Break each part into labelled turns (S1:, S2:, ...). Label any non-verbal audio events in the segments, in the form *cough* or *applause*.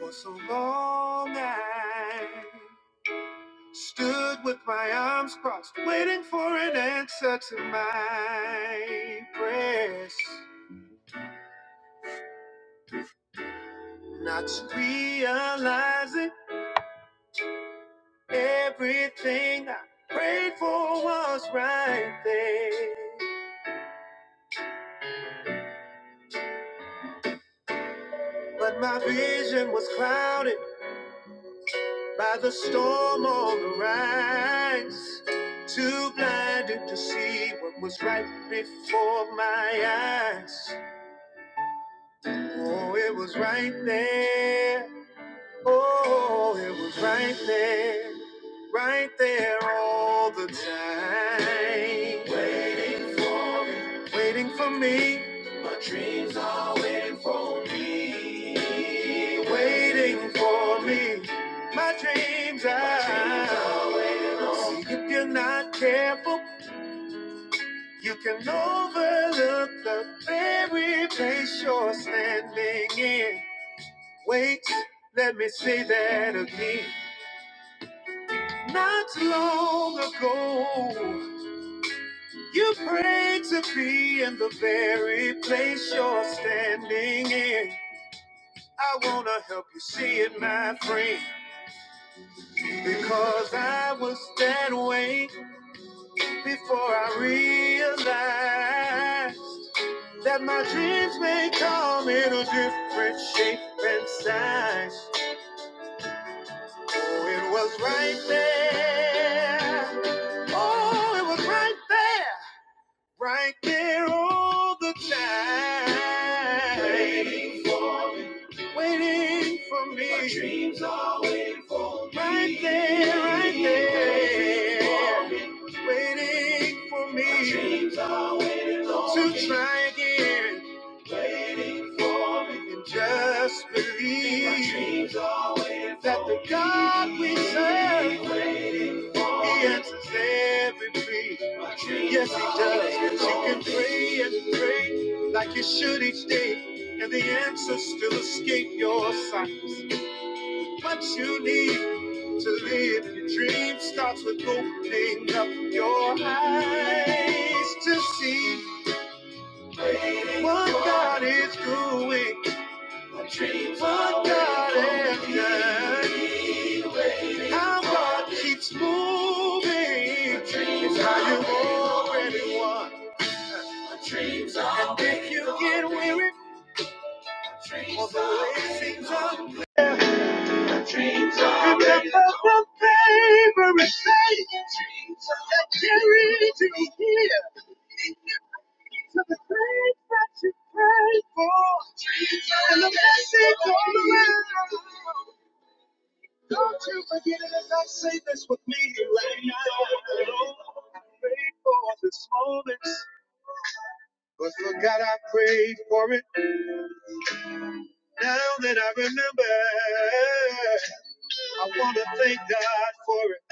S1: For so long I stood with my arms crossed, waiting for an answer to my prayers. Not realizing everything I prayed for was right there. But my vision was clouded by the storm on the rise. Too blinded to see what was right before my eyes. Oh, it was right there. Oh, it was right there. Right there all the time. Waiting for me. Waiting for me. My dreams are waiting for me. Waiting for me. My dreams are, My dreams are waiting on See, if you're not careful, you can overlook the very place you're standing in. Wait, let me say that again. Not long ago, you prayed to be in the very place you're standing in. I wanna help you see it, my friend, because I was that way before I realized that my dreams may come in a different shape and size. Oh, it was right there Oh, it was right there, right there all the time. Waiting for, waiting for me. My dreams are right there, right there. Waiting for me to try again and just believe that the God we serve. He answers every prayer. Yes, he does. Yes, You can pray and pray like you should each day, and the answers still escape your sight. What you need to live your dream starts with opening up your eyes to see what God is doing, what God has done. How God keeps moving is how you already won. And if you get weary all the way seems unfair, remember the favorite thing that carried you here to the things that you prayed for and the message all around. Don't you forget it as I say this with me right now. Lord, I prayed for this moment, but forgot I prayed for it. Now that I remember, I want to thank God for it.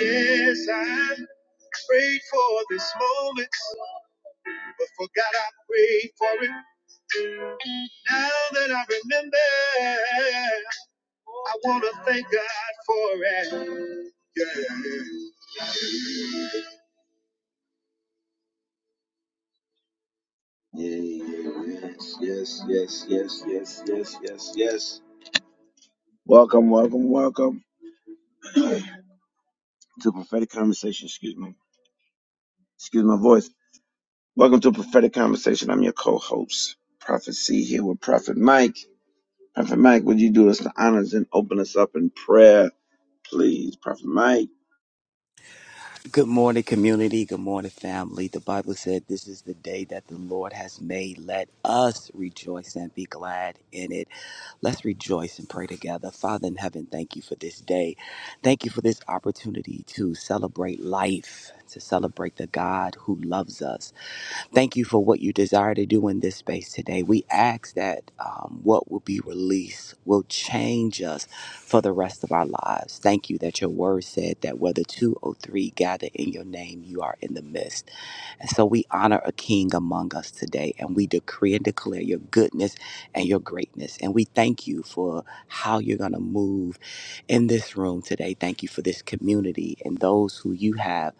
S1: Yes, I prayed for this moment, but forgot I prayed for it. Now that I remember, I want to thank God for it. Yeah. Yeah, yeah, yeah, yes, yes, yes, yes, yes, yes, yes, yes. yes. Welcome, welcome, welcome to Prophetic Conversation. Excuse me, excuse my voice. Welcome to Prophetic Conversation. I'm your co-host, Prophet C, here with Prophet Mike. Prophet Mike, would you do us the honors and open us up in prayer, please, Prophet Mike?
S2: Good morning, community. Good morning, family. The Bible said, This is the day that the Lord has made. Let us rejoice and be glad in it. Let's rejoice and pray together. Father in heaven, thank you for this day. Thank you for this opportunity to celebrate life, to celebrate the God who loves us. Thank you for what you desire to do in this space today. We ask that um, what will be released will change us for the rest of our lives. Thank you that your word said that whether two or three gather in your name, you are in the midst. And so we honor a king among us today, and we decree and declare your goodness and your greatness. And we thank you for how you're going to move in this room today. Thank you for this community and those who you have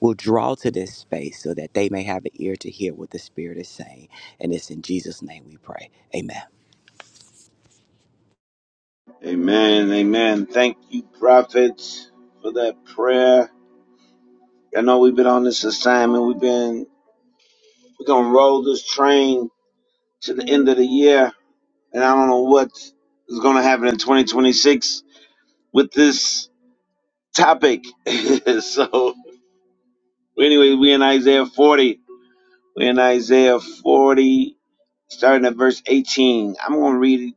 S2: will draw to this space so that they may have an ear to hear what the Spirit is saying. And it's in Jesus' name we pray. Amen.
S1: Amen, amen. Thank you, Prophet, for that prayer. I know we've been on this assignment. We've been we're gonna roll this train to the end of the year and I don't know what is going to happen in 2026 with this topic. *laughs* so, anyway, we're in Isaiah 40. We're in Isaiah 40, starting at verse 18. I'm going to read.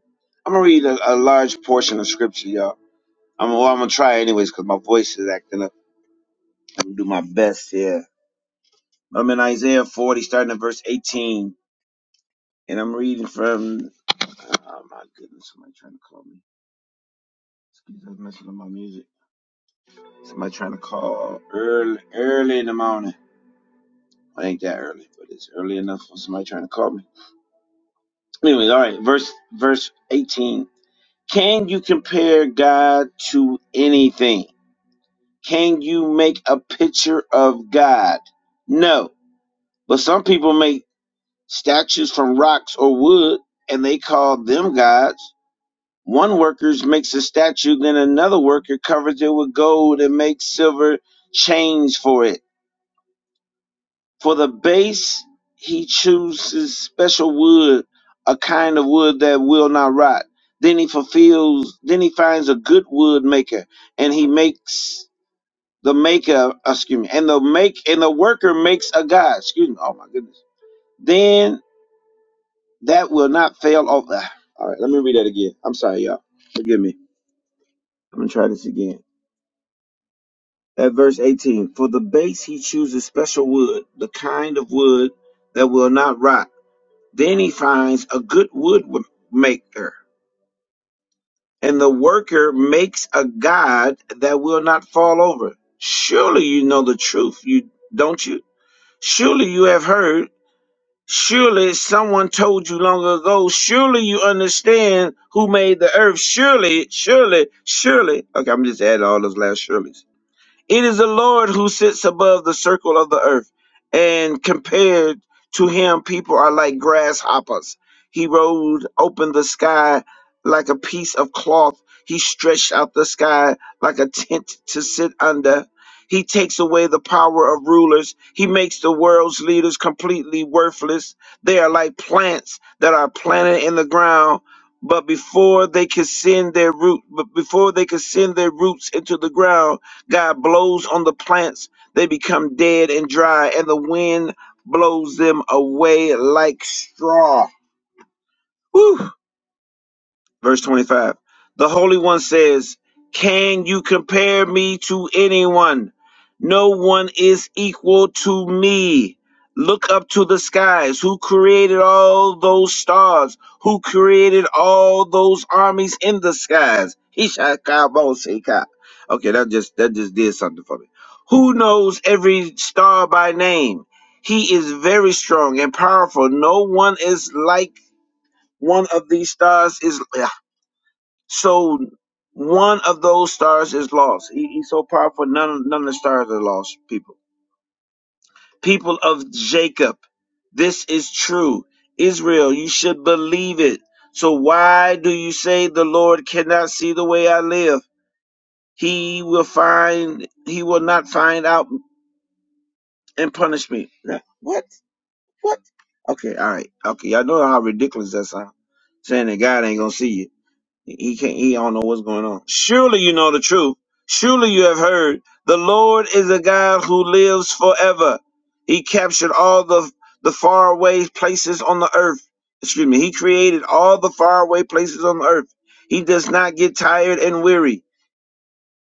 S1: I'm gonna read a, a large portion of scripture, y'all. I'm, well, I'm gonna try anyways because my voice is acting up. I'm gonna do my best here. I'm in Isaiah 40, starting at verse 18, and I'm reading from. Oh my goodness, somebody trying to call me. Excuse me, I'm messing up my music. Somebody trying to call early, early in the morning. Well, it ain't that early, but it's early enough for somebody trying to call me. Anyways, all right, verse verse eighteen. Can you compare God to anything? Can you make a picture of God? No, but some people make statues from rocks or wood, and they call them gods. One worker makes a statue, then another worker covers it with gold and makes silver chains for it For the base, he chooses special wood, a kind of wood that will not rot. Then he fulfills, then he finds a good wood maker, and he makes the maker, uh, excuse me, and the make and the worker makes a god. Excuse me. Oh my goodness. Then that will not fail. Oh, ah. all right. Let me read that again. I'm sorry, y'all. Forgive me. I'm gonna try this again. At verse 18, for the base he chooses special wood, the kind of wood that will not rot Then he finds a good woodmaker, and the worker makes a god that will not fall over. Surely you know the truth, you don't you? Surely you have heard. Surely someone told you long ago. Surely you understand who made the earth. Surely, surely, surely. Okay, I'm just adding all those last surelys. It is the Lord who sits above the circle of the earth, and compared to him, people are like grasshoppers. He rolled open the sky like a piece of cloth. He stretched out the sky like a tent to sit under. He takes away the power of rulers. He makes the world's leaders completely worthless. They are like plants that are planted in the ground, but before they can send their root, but before they can send their roots into the ground, God blows on the plants, they become dead and dry, and the wind blows them away like straw. Whew. Verse 25. The Holy One says, Can you compare me to anyone? No one is equal to me. Look up to the skies. Who created all those stars? Who created all those armies in the skies? Ishakaboseka. Okay, that just that just did something for me. Who knows every star by name? He is very strong and powerful. No one is like one of these stars is so one of those stars is lost. He, he's so powerful, none, none of the stars are lost, people. People of Jacob, this is true. Israel, you should believe it. So why do you say the Lord cannot see the way I live? He will find, he will not find out and punish me. Now, What? What? Okay, all right. Okay, y'all know how ridiculous that sounds. Saying that God ain't gonna see you. He can't. He don't know what's going on. Surely you know the truth. Surely you have heard. The Lord is a God who lives forever. He captured all the the faraway places on the earth. Excuse me. He created all the faraway places on the earth. He does not get tired and weary.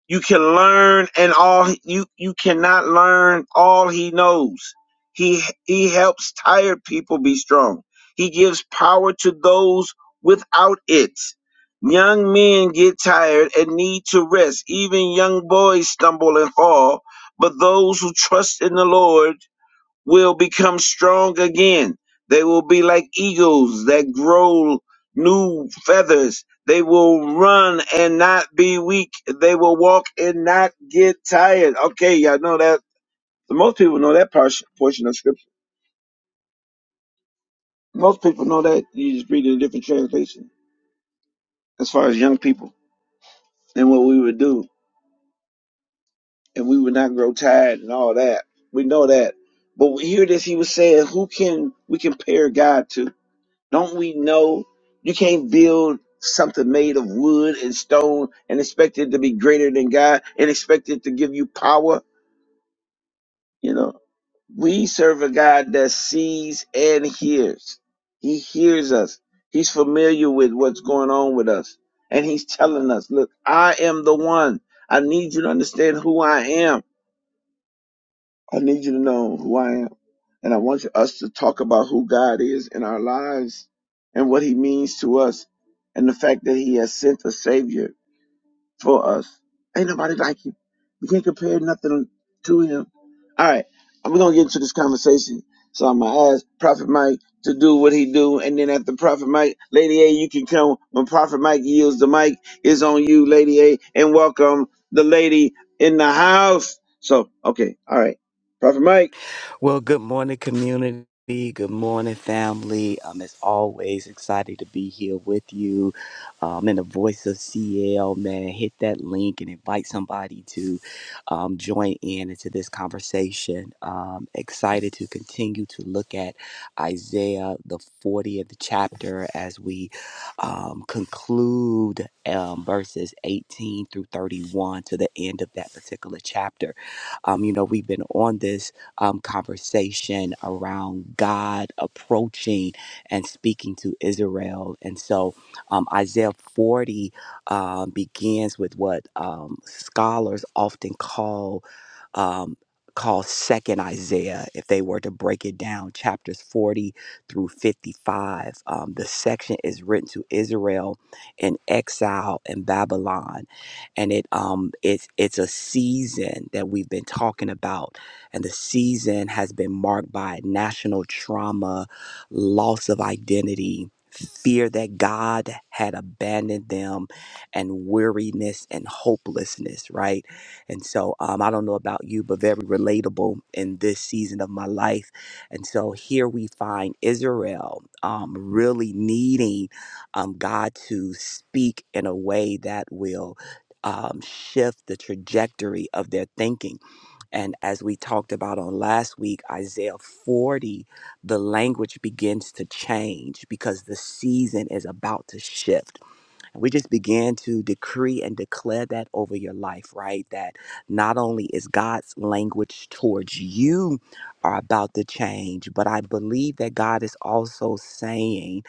S1: You can learn and all you you cannot learn all he knows. He he helps tired people be strong. He gives power to those without it. Young men get tired and need to rest. Even young boys stumble and fall, but those who trust in the Lord will become strong again. They will be like eagles that grow new feathers. They will run and not be weak. They will walk and not get tired. Okay, y'all know that. Most people know that par- portion of scripture. Most people know that. You just read it in a different translation as far as young people and what we would do. And we would not grow tired and all that. We know that. But we hear this he was saying, who can we compare God to? Don't we know you can't build something made of wood and stone and expect it to be greater than God and expect it to give you power? You know, we serve a God that sees and hears. He hears us. He's familiar with what's going on with us. And he's telling us, look, I am the one. I need you to understand who I am. I need you to know who I am. And I want us to talk about who God is in our lives and what he means to us and the fact that he has sent a savior for us. Ain't nobody like him. We can't compare nothing to him. All right. I'm going to get into this conversation. So I'm going to ask Prophet Mike to do what he do. And then after Prophet Mike, Lady A, you can come. When Prophet Mike yields the mic, is on you, Lady A. And welcome the lady in the house. So, okay. All right. Prophet Mike.
S2: Well, good morning, community. Good morning, family. Um, as always, excited to be here with you. Um, and the voice of CL, man, hit that link and invite somebody to um, join in into this conversation. Um, excited to continue to look at Isaiah, the 40th chapter, as we um, conclude um, verses 18 through 31 to the end of that particular chapter. Um, you know, we've been on this um, conversation around God approaching and speaking to Israel. And so um, Isaiah 40 um, begins with what um, scholars often call. Um, call second isaiah if they were to break it down chapters 40 through 55 um, the section is written to israel in exile in babylon and it um it's it's a season that we've been talking about and the season has been marked by national trauma, loss of identity, fear that God had abandoned them, and weariness and hopelessness, right? And so um, I don't know about you, but very relatable in this season of my life. And so here we find Israel um, really needing um, God to speak in a way that will um, shift the trajectory of their thinking and as we talked about on last week, Isaiah 40, the language begins to change because the season is about to shift. And we just began to decree and declare that over your life, right? That not only is God's language towards you are about to change, but I believe that God is also saying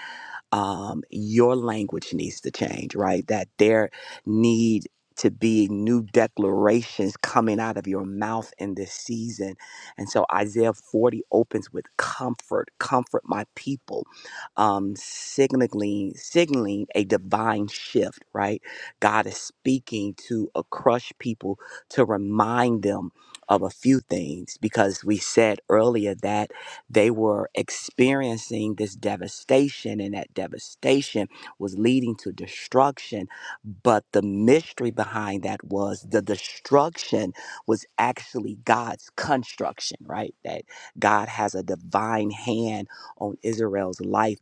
S2: um, your language needs to change, right? That there need to be new declarations coming out of your mouth in this season. And so Isaiah 40 opens with comfort, comfort my people, um, signaling, signaling a divine shift, right? God is speaking to a crushed people to remind them of a few things because we said earlier that they were experiencing this devastation, and that devastation was leading to destruction. But the mystery behind that was the destruction was actually God's construction, right? That God has a divine hand on Israel's life.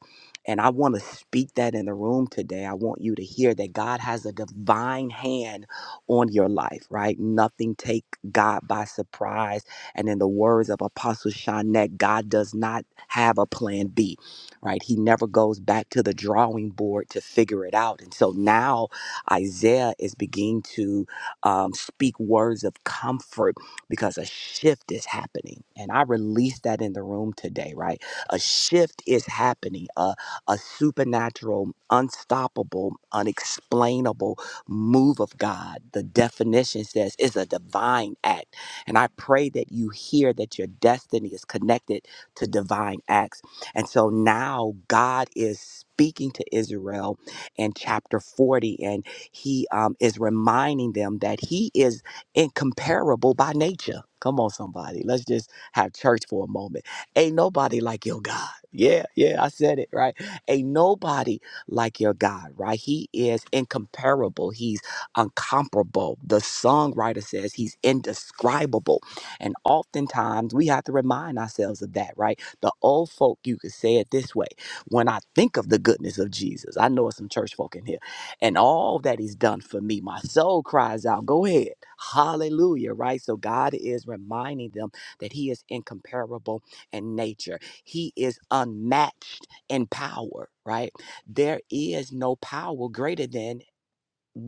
S2: And I want to speak that in the room today. I want you to hear that God has a divine hand on your life, right? Nothing take God by surprise and in the words of Apostle Shanek, God does not have a plan B, right? He never goes back to the drawing board to figure it out. And so now Isaiah is beginning to um, speak words of comfort because a shift is happening. And I released that in the room today, right? A shift is happening, a, a supernatural, unstoppable, unexplainable move of God. The definition says it's a divine act and I pray that you hear that your destiny is connected to divine acts. And so now God is speaking to Israel in chapter 40, and he um, is reminding them that he is incomparable by nature. Come on, somebody. Let's just have church for a moment. Ain't nobody like your God. Yeah, yeah, I said it, right? Ain't nobody like your God, right? He is incomparable. He's uncomparable. The songwriter says he's indescribable. And oftentimes we have to remind ourselves of that, right? The old folk, you could say it this way when I think of the goodness of Jesus, I know it's some church folk in here, and all that he's done for me, my soul cries out, Go ahead. Hallelujah, right? So God is reminding them that he is incomparable in nature, he is unmatched in power, right? There is no power greater than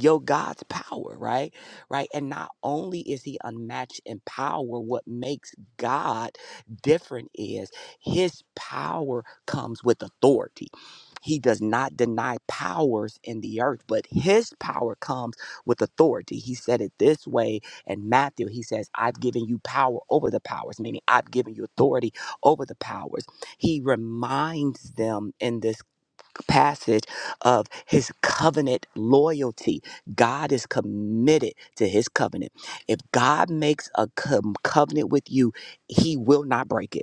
S2: your God's power, right? Right. And not only is he unmatched in power, what makes God different is his power comes with authority. He does not deny powers in the earth, but his power comes with authority. He said it this way in Matthew. He says, I've given you power over the powers, meaning I've given you authority over the powers. He reminds them in this passage of his covenant loyalty. God is committed to his covenant. If God makes a com- covenant with you, he will not break it.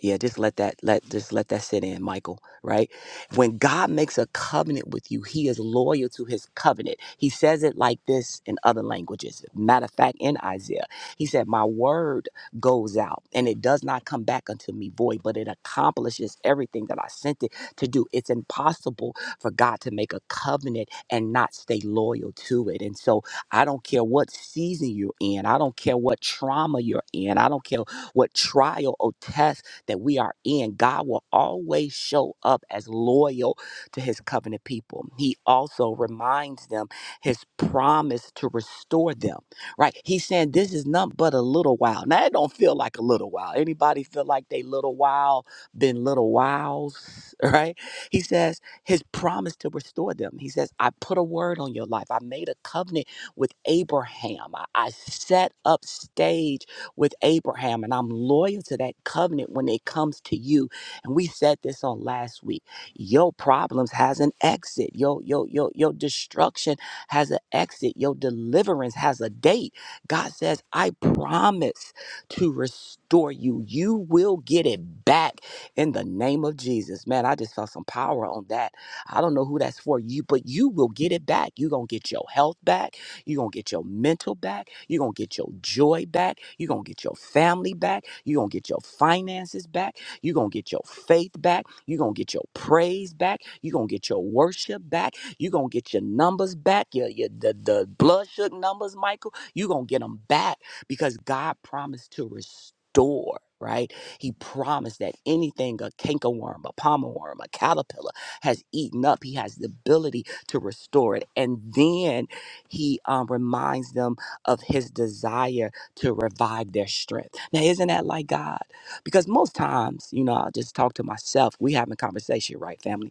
S2: Yeah, just let that let just let that sit in, Michael, right? When God makes a covenant with you, he is loyal to his covenant. He says it like this in other languages. Matter of fact, in Isaiah, he said, My word goes out and it does not come back unto me void, but it accomplishes everything that I sent it to do. It's impossible for God to make a covenant and not stay loyal to it. And so I don't care what season you're in, I don't care what trauma you're in, I don't care what trial or test that we are in, God will always show up as loyal to his covenant people. He also reminds them his promise to restore them, right? He's saying this is not but a little while. Now, it don't feel like a little while. Anybody feel like they little while been little whiles, *laughs* right? He says his promise to restore them. He says, I put a word on your life. I made a covenant with Abraham. I, I set up stage with Abraham, and I'm loyal to that covenant when it comes to you. And we said this on last week. Your problems has an exit. Your your your your destruction has an exit. Your deliverance has a date. God says, "I promise to restore you. You will get it back in the name of Jesus." Man, I just felt some power on that. I don't know who that's for you, but you will get it back. You're going to get your health back. You're going to get your mental back. You're going to get your joy back. You're going to get your family back. You're going to get your finances back. You're going to get your faith back. You're going to get your praise back. You're going to get your worship back. You're going to get your numbers back, your, your the, the blood sugar numbers, Michael. You're going to get them back because God promised to restore. Right? He promised that anything a cankerworm, a palmer worm, a caterpillar has eaten up, he has the ability to restore it. And then he um, reminds them of his desire to revive their strength. Now, isn't that like God? Because most times, you know, I'll just talk to myself. We having conversation, right, family?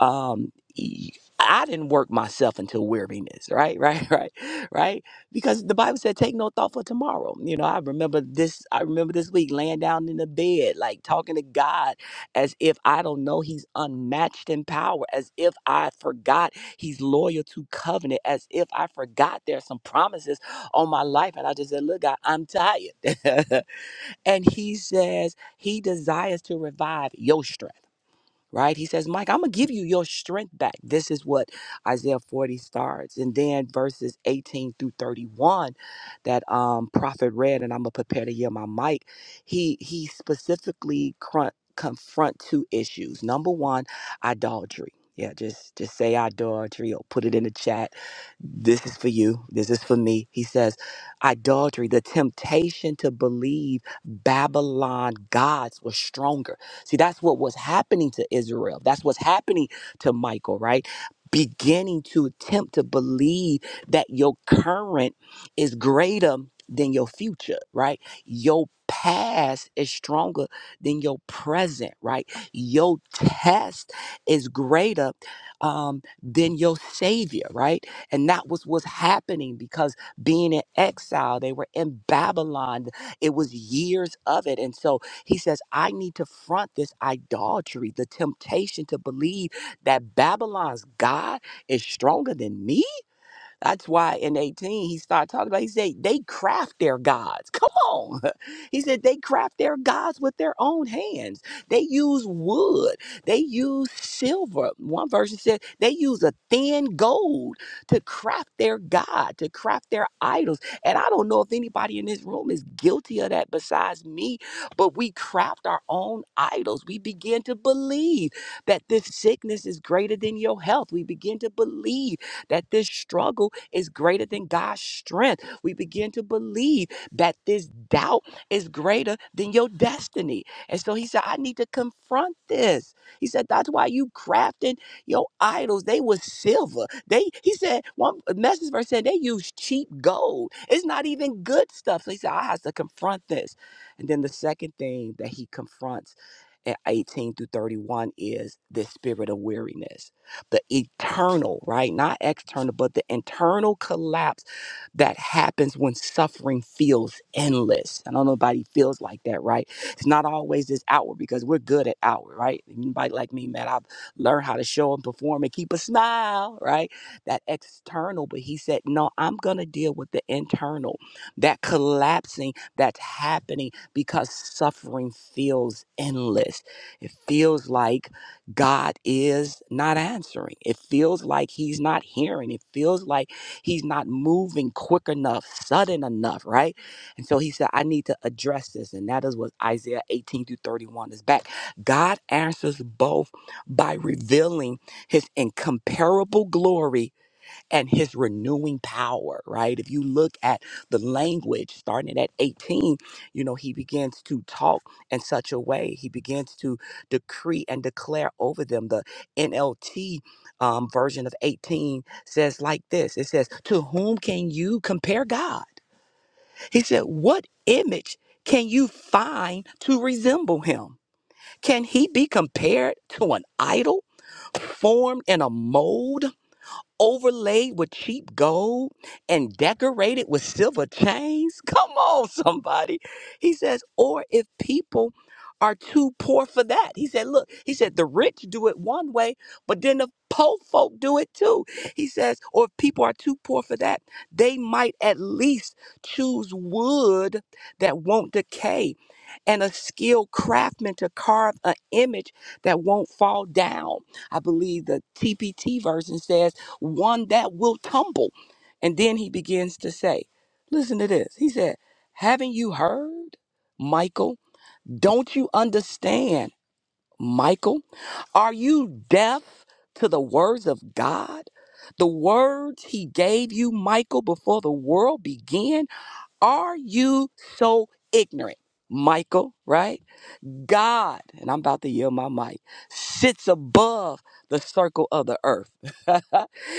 S2: um e- I didn't work myself into weariness, right? *laughs* Right, right, right. Because the Bible said, take no thought for tomorrow. You know, I remember this, I remember this week laying down in the bed, like talking to God as if I don't know he's unmatched in power, as if I forgot he's loyal to covenant, as if I forgot there's some promises on my life. And I just said, look, God, I'm tired. *laughs* and he says he desires to revive your strength right? He says, Mike, I'm going to give you your strength back. This is what Isaiah 40 starts. And then verses 18 through 31 that um, prophet read, and I'm going to prepare to hear my mic. He, he specifically cr- confront two issues. Number one, idolatry. Yeah, just just say idolatry or put it in the chat. This is for you. This is for me. He says, idolatry, the temptation to believe Babylon gods was stronger See, that's what was happening to Israel. That's what's happening to Michael, right? Beginning to attempt to believe that your current is greater than your future, right? Your past is stronger than your present, right? Your test is greater um, than your savior, right? And that was what's happening because being in exile, they were in Babylon. It was years of it. And so he says, I need to front this idolatry, the temptation to believe that Babylon's God is stronger than me that's why in 18 he started talking about, he said, they craft their gods. Come on. *laughs* He said, they craft their gods with their own hands. They use wood, they use silver. One version said, they use a thin gold to craft their God, to craft their idols. And I don't know if anybody in this room is guilty of that besides me, but we craft our own idols. We begin to believe that this sickness is greater than your health. We begin to believe that this struggle is greater than God's strength. We begin to believe that this doubt is greater than your destiny. And so he said, I need to confront this. He said, That's why you crafting your idols. They were silver. They he said, one message verse said they use cheap gold. It's not even good stuff. So he said, I have to confront this. And then the second thing that he confronts at 18 through 31 is the spirit of weariness the eternal, right? Not external, but the internal collapse that happens when suffering feels endless. I know nobody feels like that, right? It's not always this outward because we're good at outward, right? Anybody like me, man, I've learned how to show and perform and keep a smile, right? That external. But he said, no, I'm going to deal with the internal, that collapsing that's happening because suffering feels endless. It feels like God is not answering. It feels like he's not hearing. It feels like He's not moving quick enough, sudden enough, right? And so he said, I need to address this. And that is what Isaiah 18 through 31 is back. God answers both by revealing his incomparable glory and his renewing power, right? If you look at the language starting at 18, you know, he begins to talk in such a way. He begins to decree and declare over them. The NLT um, version of 18 says like this it says, To whom can you compare God? He said, What image can you find to resemble him? Can he be compared to an idol formed in a mold? overlaid with cheap gold and decorated with silver chains? *laughs* Come on, somebody. He says, or if people are too poor for that. He said, look, he said, the rich do it one way, but then the poor folk do it too. He says, or if people are too poor for that, they might at least choose wood that won't decay and a skilled craftsman to carve an image that won't fall down. I believe the TPT version says, one that will tumble. And then he begins to say, Listen to this. He said, Haven't you heard, Michael? Don't you understand, Michael? Are you deaf to the words of God? The words he gave you, Michael, before the world began? Are you so ignorant, Michael? Right? God, and I'm about to yield my mic, sits above the circle of the earth. *laughs*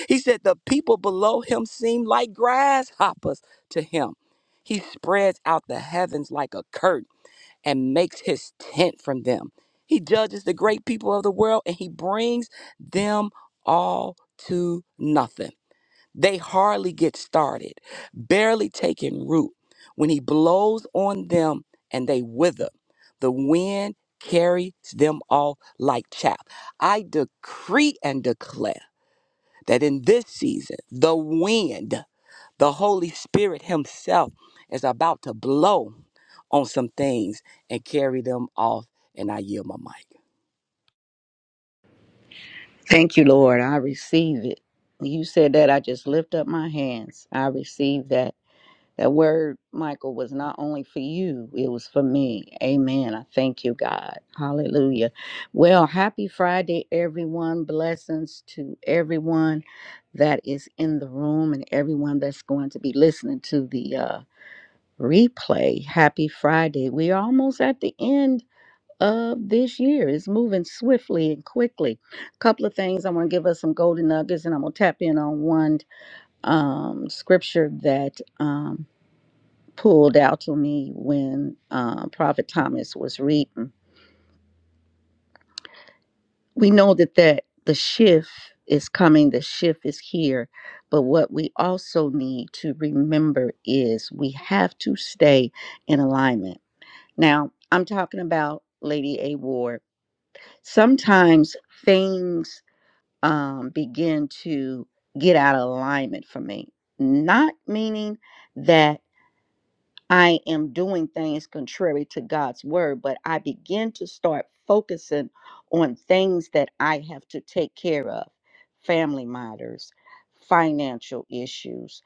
S2: he said, The people below him seem like grasshoppers to him. He spreads out the heavens like a curtain and makes his tent from them. He judges the great people of the world and he brings them all to nothing. They hardly get started, barely taking root. When he blows on them and they wither, the wind carries them off like chaff. I decree and declare that in this season, the wind the Holy Spirit Himself is about to blow on some things and carry them off. And I yield my mic.
S3: Thank you, Lord. I receive it. When you said that, I just lift up my hands. I receive that. That word, Michael, was not only for you, it was for me. Amen. I thank you, God. Hallelujah. Well, happy Friday, everyone. Blessings to everyone that is in the room and everyone that's going to be listening to the uh, replay. Happy Friday. We're almost at the end of this year. is moving swiftly and quickly. A couple of things I want to give us some golden nuggets, and I'm gonna tap in on one um, scripture that um, pulled out to me when uh, Prophet Thomas was reading. We know that that the shift is coming. The shift is here. But what we also need to remember is we have to stay in alignment. Now, I'm talking about Lady A. Ward. Sometimes things um, begin to get out of alignment for me. Not meaning that I am doing things contrary to God's word, but I begin to start focusing on things that I have to take care of family matters, financial issues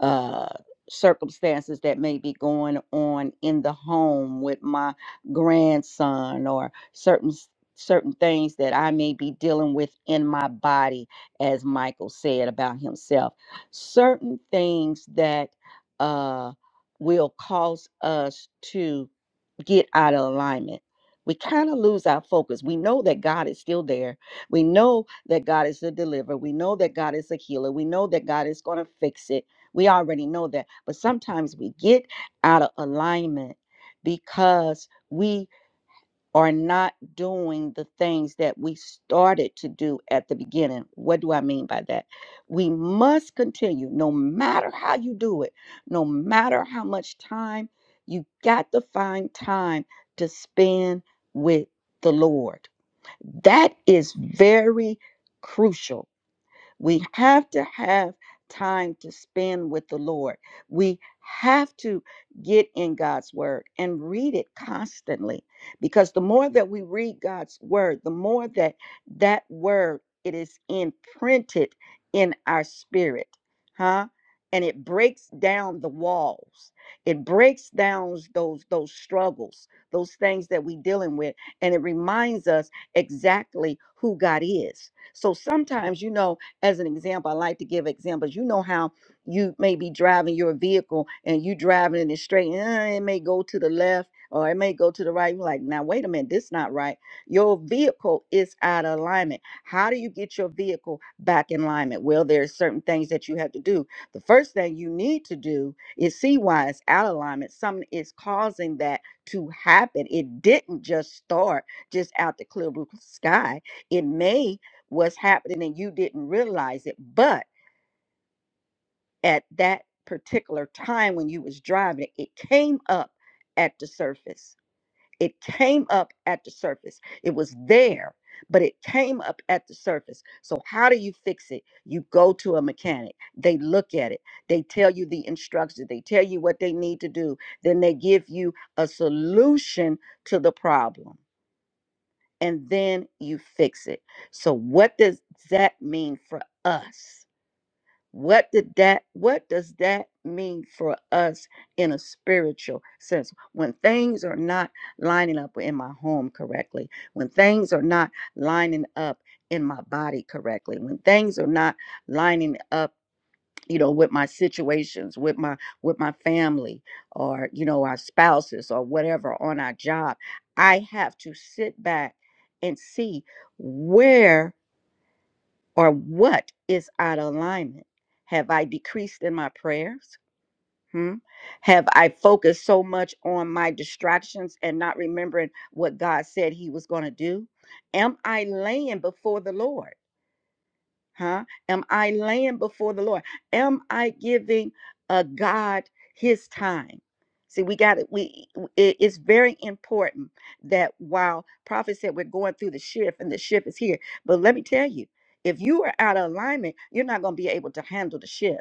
S3: uh, circumstances that may be going on in the home with my grandson or certain s- certain things that I may be dealing with in my body as Michael said about himself certain things that uh will cause us to get out of alignment we kind of lose our focus. We know that God is still there. We know that God is the deliverer. We know that God is a healer. We know that God is going to fix it we already know that. But sometimes we get out of alignment because we are not doing the things that we started to do at the beginning. What do I mean by that? We must continue, no matter how you do it, no matter how much time, you got to find time to spend with the Lord. That is very crucial we have to have time to spend with the Lord. We have to get in God's word and read it constantly because the more that we read God's word, the more that that word it is imprinted in our spirit, huh? And it breaks down the walls. It breaks down those those struggles, those things that we are dealing with, and it reminds us exactly who God is. So sometimes, you know, as an example, I like to give examples. You know how you may be driving your vehicle and you driving in it straight, and eh, it may go to the left or it may go to the right. You're like, now wait a minute, this not right. Your vehicle is out of alignment. How do you get your vehicle back in alignment? Well, there's certain things that you have to do. The first thing you need to do is see why it's out of alignment. Something is causing that to happen. It didn't just start just out the clear blue sky. It may was happening and you didn't realize it but at that particular time when you was driving it came up at the surface it came up at the surface it was there but it came up at the surface so how do you fix it you go to a mechanic they look at it they tell you the instructions they tell you what they need to do then they give you a solution to the problem and then you fix it so what does that mean for us What did that what does that mean for us in a spiritual sense? When things are not lining up in my home correctly, when things are not lining up in my body correctly, when things are not lining up you know with my situations with my with my family or you know our spouses or whatever on our job i have to sit back and see where or what is out of alignment? Have I decreased in my prayers? Hmm? Have I focused so much on my distractions and not remembering what God said He was going to do? Am I laying before the Lord? Huh? Am I laying before the Lord? Am I giving uh, God His time? See, we got it. We it- it's very important that while prophet said we're going through the shift and the shift is here, but let me tell you, if you are out of alignment, you're not going to be able to handle the shift.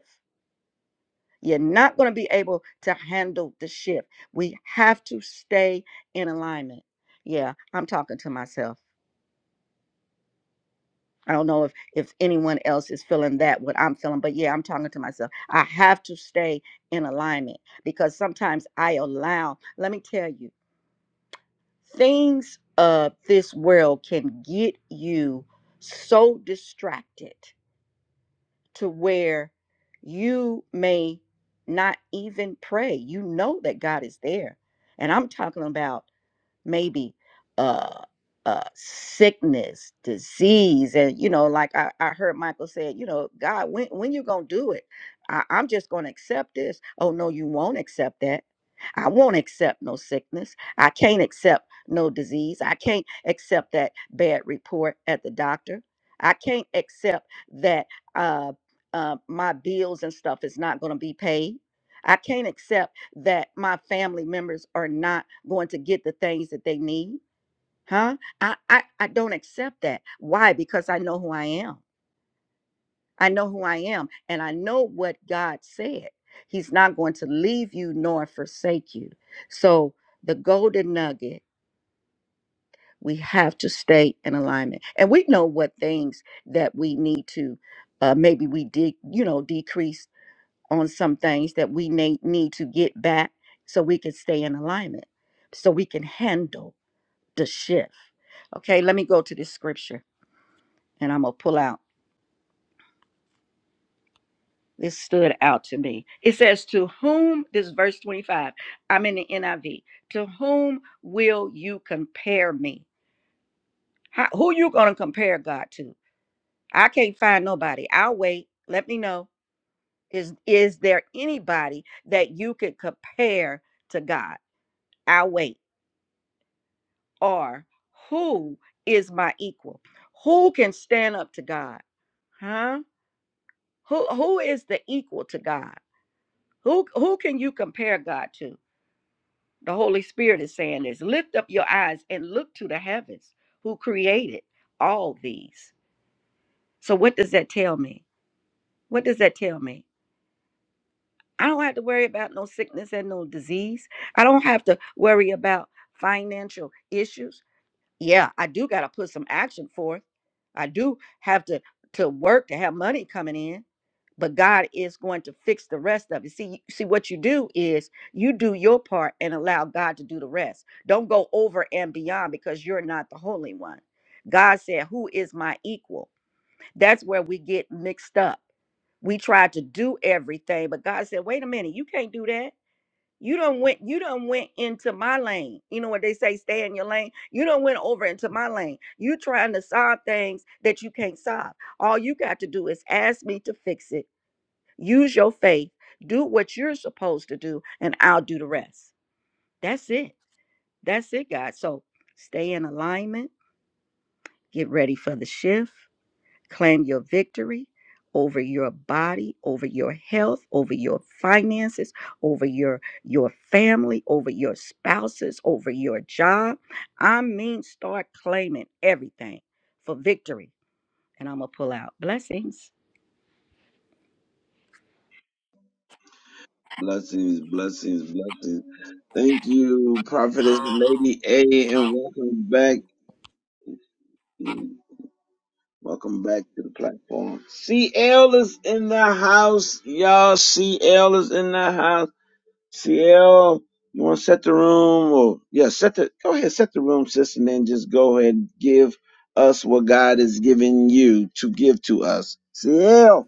S3: You're not going to be able to handle the shift. We have to stay in alignment. Yeah, I'm talking to myself. I don't know if if anyone else is feeling that what I'm feeling, but yeah, I'm talking to myself. I have to stay in alignment because sometimes I allow, let me tell you, things of this world can get you so distracted to where you may not even pray. You know that God is there. And I'm talking about maybe uh uh sickness disease and you know like i, I heard michael said you know god when when you gonna do it I, i'm just gonna accept this oh no you won't accept that i won't accept no sickness i can't accept no disease i can't accept that bad report at the doctor i can't accept that uh, uh my bills and stuff is not gonna be paid i can't accept that my family members are not going to get the things that they need huh I, I i don't accept that why because i know who i am i know who i am and i know what god said he's not going to leave you nor forsake you so the golden nugget we have to stay in alignment and we know what things that we need to uh, maybe we did you know decrease on some things that we need, need to get back so we can stay in alignment, so we can handle the shift. Okay, let me go to this scripture and I'm going to pull out. This stood out to me. It says, To whom, this is verse 25, I'm in the NIV, to whom will you compare me? How, who you going to compare God to? I can't find nobody. I'll wait. Let me know. Is, is there anybody that you could compare to God? I'll wait. are who is my equal? Who can stand up to God? Huh? Who who is the equal to God? Who who can you compare God to? The Holy Spirit is saying this. Lift up your eyes and look to the heavens who created all these. So what does that tell me? What does that tell me? I don't have to worry about no sickness and no disease. I don't have to worry about financial issues. Yeah, I do got to put some action forth I do have to to work to have money coming in, but God is going to fix the rest of it. See, see what you do is you do your part and allow God to do the rest. Don't go over and beyond because you're not the holy one. God said, "Who is my equal?" That's where we get mixed up. We try to do everything, but God said, "Wait a minute, you can't do that." You don't went you don't went into my lane. You know what they say, stay in your lane. You don't went over into my lane. You trying to solve things that you can't solve. All you got to do is ask me to fix it. Use your faith. Do what you're supposed to do, and I'll do the rest. That's it. That's it, God. So stay in alignment. Get ready for the shift. Claim your victory over your body, over your health, over your finances, over your your family, over your spouses, over your job. I mean start claiming everything for victory. And I'm gonna pull out blessings.
S1: Blessings, blessings, blessings. Thank you, Prophetess Lady A, and welcome back. Welcome back to the platform. CL is in the house, y'all. CL is in the house. CL, you want to set the room or yeah, set the go ahead, set the room, sis, and then just go ahead and give us what God is giving you to give to us. CL.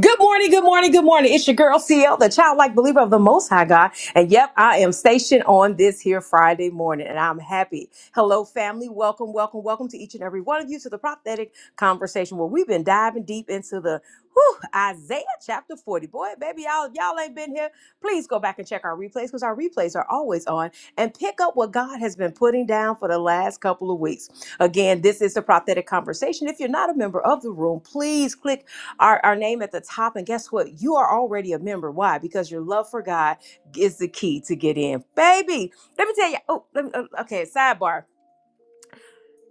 S4: Good morning, good morning, good morning. It's your girl CL, the childlike believer of the Most High God. And yep, I am stationed on this here Friday morning, and I'm happy. Hello, family. Welcome, welcome, welcome to each and every one of you to the prophetic conversation where we've been diving deep into the whew, Isaiah chapter 40. Boy, baby, y'all, y'all ain't been here. Please go back and check our replays because our replays are always on and pick up what God has been putting down for the last couple of weeks. Again, this is the prophetic conversation. If you're not a member of the room, please click our, our name at the top. And guess what? You are already a member. Why? Because your love for God is the key to get in. Baby, let me tell you. Oh, let me, uh, okay, sidebar.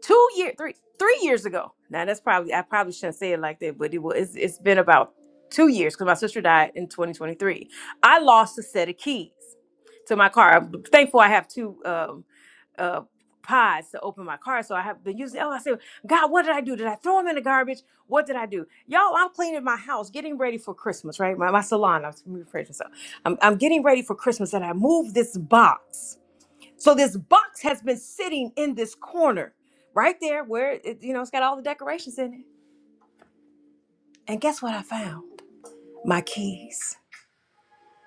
S4: Two year, three, three years ago. Now that's probably I probably shouldn't say it like that, but it was it's, it's been about two years because my sister died in 2023. I lost a set of keys to my car. I'm thankful I have two. um uh pods to open my car. So I have been using. Oh, I said, God, what did I do? Did I throw them in the garbage? What did I do? Y'all, I'm cleaning my house, getting ready for Christmas, right? My, my salon, I'm rephrasing myself. I'm, I'm getting ready for Christmas and I moved this box. So this box has been sitting in this corner right there where, it, you know, it's got all the decorations in it. And guess what I found? My keys.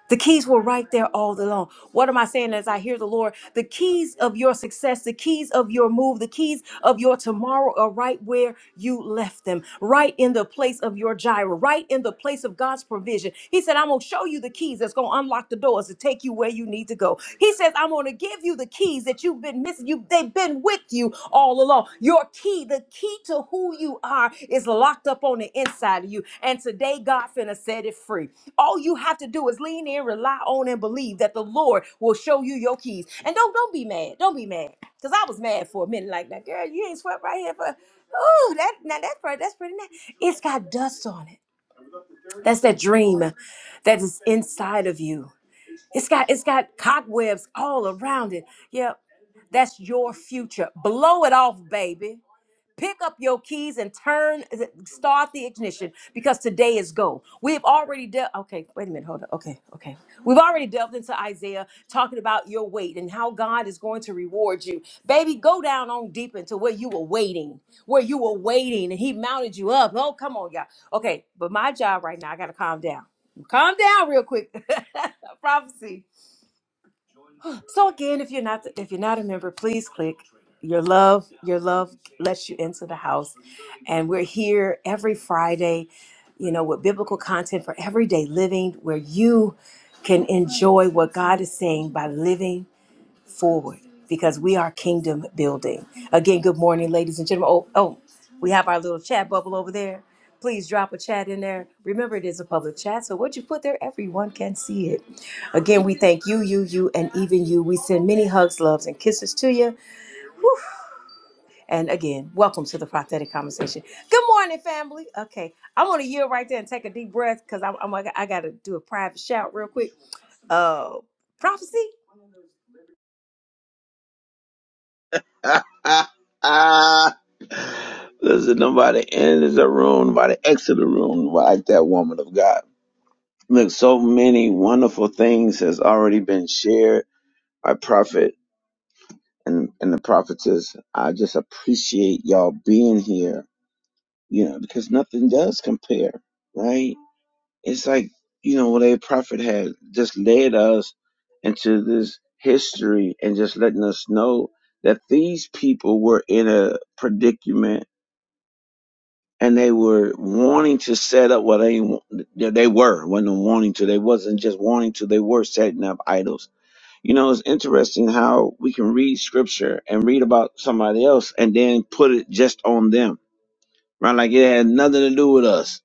S4: The keys were right there all along. What am I saying as I hear the Lord? The keys of your success, the keys of your move, the keys of your tomorrow are right where you left them, right in the place of your gyro, right in the place of God's provision. He said, I'm going to show you the keys that's going to unlock the doors to take you where you need to go. He says, I'm going to give you the keys that you've been missing. You, they've been with you all along. Your key, the key to who you are, is locked up on the inside of you. And today, God finna set it free. All you have to do is lean in, rely on, and believe that the Lord will show you your keys. And don't don't be mad. Don't be mad. Cause I was mad for a minute, like that girl. You ain't swept right here for. Ooh, that now that's pretty. That's pretty nice. It's got dust on it. That's that dream that is inside of you. It's got it's got cobwebs all around it. Yep, that's your future. Blow it off, baby. Pick up your keys and turn, start the ignition because today is go. We've already dealt, okay, wait a minute, hold on. Okay, okay. We've already delved into Isaiah talking about your weight and how God is going to reward you. Baby, go down on deep into where you were waiting, where you were waiting and He mounted you up. Oh, come on, y'all. Okay, but my job right now, I got to calm down. Calm down real quick. *laughs* Prophecy. So again, if you're not if you're not a member, please click your love. Your love lets you into the house, and we're here every Friday, you know, with biblical content for everyday living, where you can enjoy what God is saying by living forward because we are kingdom building. Again, good morning, ladies and gentlemen. Oh, oh, we have our little chat bubble over there. Please drop a chat in there. Remember, it is a public chat, so what you put there, everyone can see it. Again, we thank you, you, you, and even you. We send many hugs, loves, and kisses to you. And again, welcome to the prophetic conversation. Good morning, family. Okay, I'm gonna yield right there and take a deep breath because I'm, I'm I gotta do a private shout real quick. Uh, prophecy.
S1: *laughs* Listen, nobody enters the room, nobody exit the room like that woman of God. Look, so many wonderful things has already been shared by prophet and, and the prophetess. I just appreciate y'all being here, you know, because nothing does compare, right? It's like, you know, what a prophet had just led us into this history and just letting us know that these people were in a predicament and they were wanting to set up what they they they were when they wanting to they wasn't just wanting to they were setting up idols you know it's interesting how we can read scripture and read about somebody else and then put it just on them right like it had nothing to do with us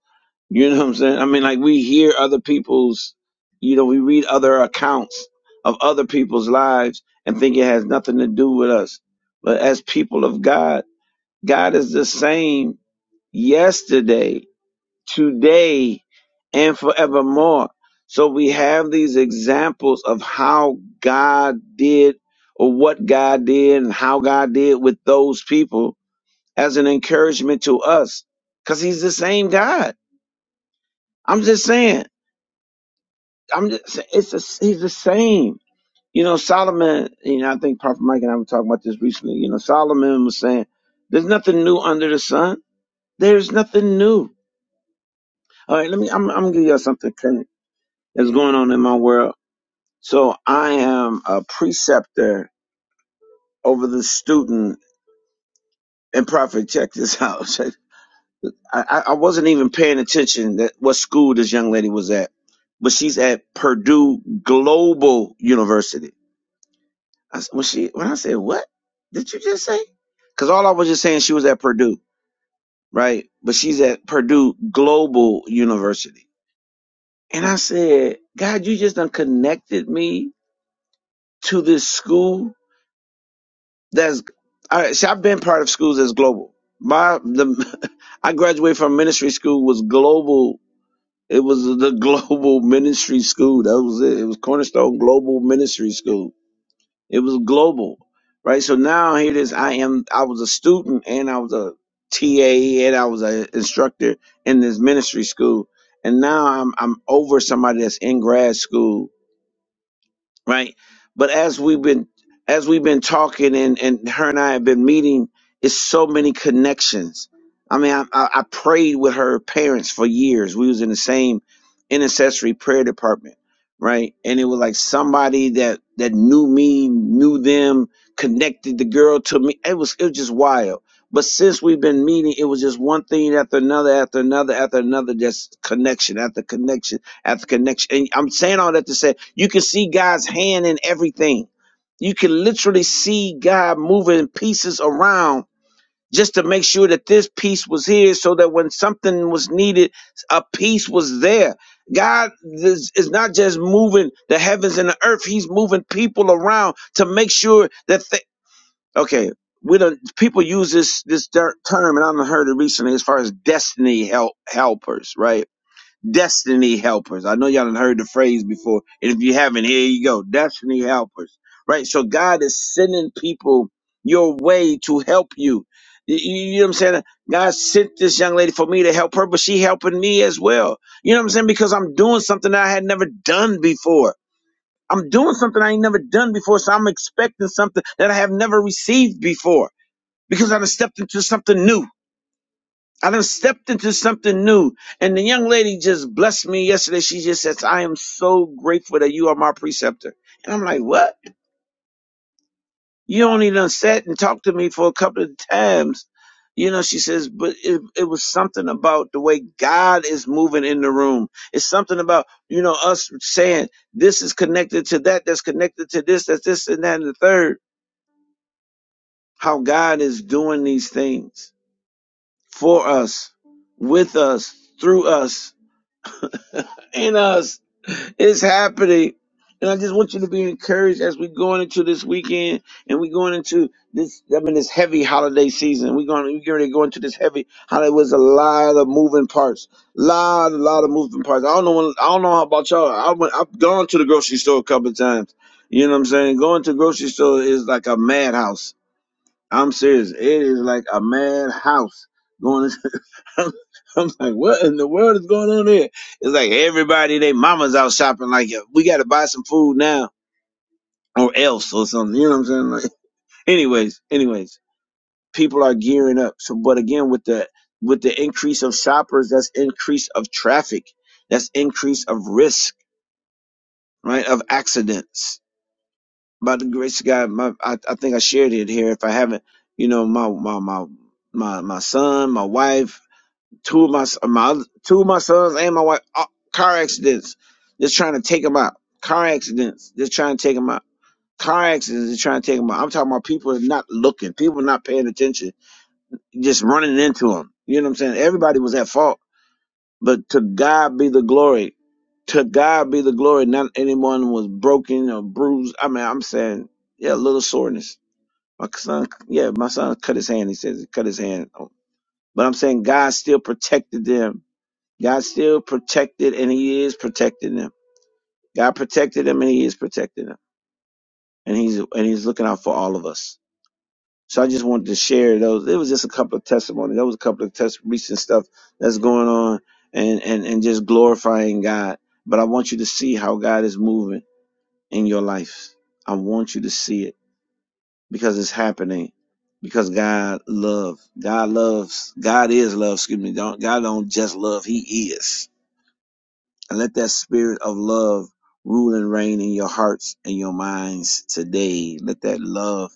S1: you know what i'm saying i mean like we hear other people's you know we read other accounts of other people's lives and think it has nothing to do with us but as people of god god is the same yesterday today and forevermore. So we have these examples of how God did or what God did and how God did with those people as an encouragement to us because he's the same God. I'm just saying, I'm just, sa- it's the he's the same. You know, Solomon, you know, I think Prophet Mike and I were talking about this recently. You know, Solomon was saying, there's nothing new under the sun. There's nothing new. All right, let me, I'm, I'm going to give you all something current that's going on in my world So I am a preceptor over the student. And Prophet, check this out. *laughs* I, I I wasn't even paying attention that what school this young lady was at, but she's at Purdue Global University. I, s- when she when I said what did you just say? Because all I was just saying she was at Purdue, right? But she's at Purdue Global University, and I said, God, you just done connected me to this school That's all right. See, I've been part of schools that's global. My the *laughs* I graduated from ministry school was global. It was the *laughs* global ministry school. That was it. It was Cornerstone Global Ministry School. It was global, right? So now here it is. I am. I was a student and I was a TA and I was an instructor in this ministry school, and now I'm I'm over somebody that's in grad school right? But as we've been as we've been talking and and her and I have been meeting, it's so many connections. I mean, I, I I prayed with her parents for years. We was in the same intercessory prayer department, right? And it was like somebody that that knew me, knew them, connected the girl to me. It was it was just wild. But since we've been meeting, it was just one thing after another, after another, after another, just connection after connection at the connection. And I'm saying all that to say you can see God's hand in everything. You can literally see God moving pieces around just to make sure that this piece was here so that when something was needed, a piece was there. God is, is not just moving the heavens and the earth, He's moving people around to make sure that they. Okay. We don't, people use this this ter- term, and I've heard it recently as far as destiny help helpers, right? destiny helpers. I know y'all have heard the phrase before, and if you haven't, here you go, destiny helpers. Right? So God is sending people your way to help you. You, you know what I'm saying? God sent this young lady for me to help her, but she helping me as well. You know what I'm saying? Because I'm doing something that I had never done before. I'm doing something I ain't never done before, so I'm expecting something that I have never received before because I done stepped into something new. I done stepped into something new. And the young lady just blessed me yesterday. She just says, I am so grateful that you are my preceptor. And I'm like, what? You only done sat and talked to me for a couple of times. You know, she says, but it, it was something about the way God is moving in the room. It's something about, you know, us saying this is connected to that, that's connected to this, that's this and that and the third. How God is doing these things for us, with us, through us in us. It's happening. And I just want you to be encouraged as we're going into this weekend and we're going into this, I mean, this heavy holiday season. We're going, we're going to go into this heavy holiday. was a lot of moving parts. Lot, a lot of moving parts. I don't know, when, I don't know how about y'all. I went, I've gone to the grocery store a couple of times. You know what I'm saying? Going to the grocery store is like a madhouse. I'm serious. It is like a madhouse. Going I'm, I'm like, what in the world is going on here? It's like everybody, they mama's out shopping. Like, "Yeah, we got to buy some food now or else or something. You know what I'm saying? Like, anyways, anyways, people are gearing up. So, but again, with the with the increase of shoppers, that's increase of traffic, that's increase of risk, right? Of accidents. By the grace of God, my I, I think I shared it here. If I haven't, you know, my my my my my son, my wife Two of my my two of my sons and my wife uh, car accidents. Just trying to take them out. Car accidents. Just trying to take them out. Car accidents. Just trying to take them out. I'm talking about people are not looking. People are not paying attention. Just running into them. You know what I'm saying? Everybody was at fault, but to God be the glory. To God be the glory. Not anyone was broken or bruised. I mean, I'm saying, yeah, a little soreness. My son, yeah, my son cut his hand. He says he cut his hand. But I'm saying God still protected them God still protected and he is protecting them. God protected them and he is protecting them. And he's and he's looking out for all of us. So I just wanted to share those. It was just a couple of testimonies. There was a couple of test recent stuff that's going on and, and, and just glorifying God. But I want you to see how God is moving in your life. I want you to see it because it's happening. Because God love. God loves. God is love. Excuse me. Don't God don't just love. He is. And let that spirit of love rule and reign in your hearts and your minds today. Let that love.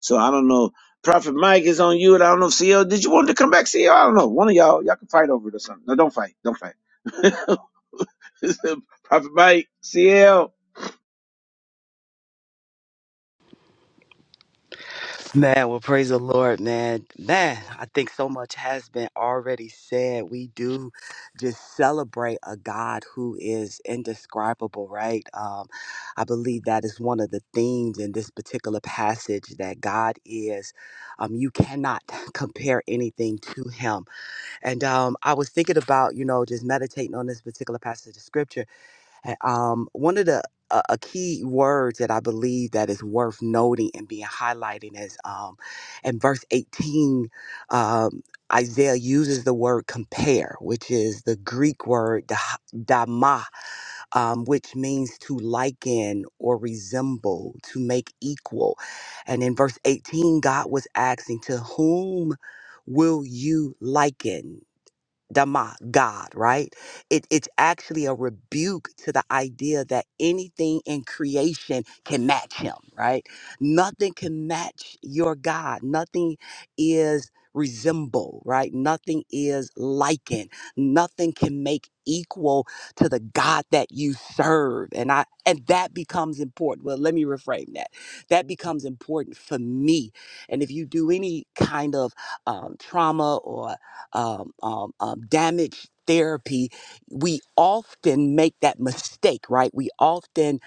S1: So I don't know. Prophet Mike is on you, and I don't know if CL. Did you want to come back, CL? I don't know. One of y'all, y'all can fight over it or something. No, don't fight. Don't fight. *laughs* Prophet Mike, CL.
S2: Man, well, praise the Lord, man. Man, I think so much has been already said. We do just celebrate a God who is indescribable, right? Um, I believe that is one of the themes in this particular passage that God is, um, you cannot *laughs* compare anything to Him. And um, I was thinking about, you know, just meditating on this particular passage of Scripture um, one of the a, a key words that I believe that is worth noting and being highlighted is um, in verse 18, um, Isaiah uses the word compare, which is the Greek word dah- dama, um, which means to liken or resemble, to make equal. And in verse 18, God was asking, To whom will you liken? Dama, God, right? It, it's actually a rebuke to the idea that anything in creation can match him, right? Nothing can match your God. Nothing is resemble, right? Nothing is likened. Nothing can make equal to the God that you serve. And I and that becomes important. Well, let me reframe that. That becomes important for me. And if you do any kind of um, trauma or um, um, um, damage therapy, we often make that mistake, right? We often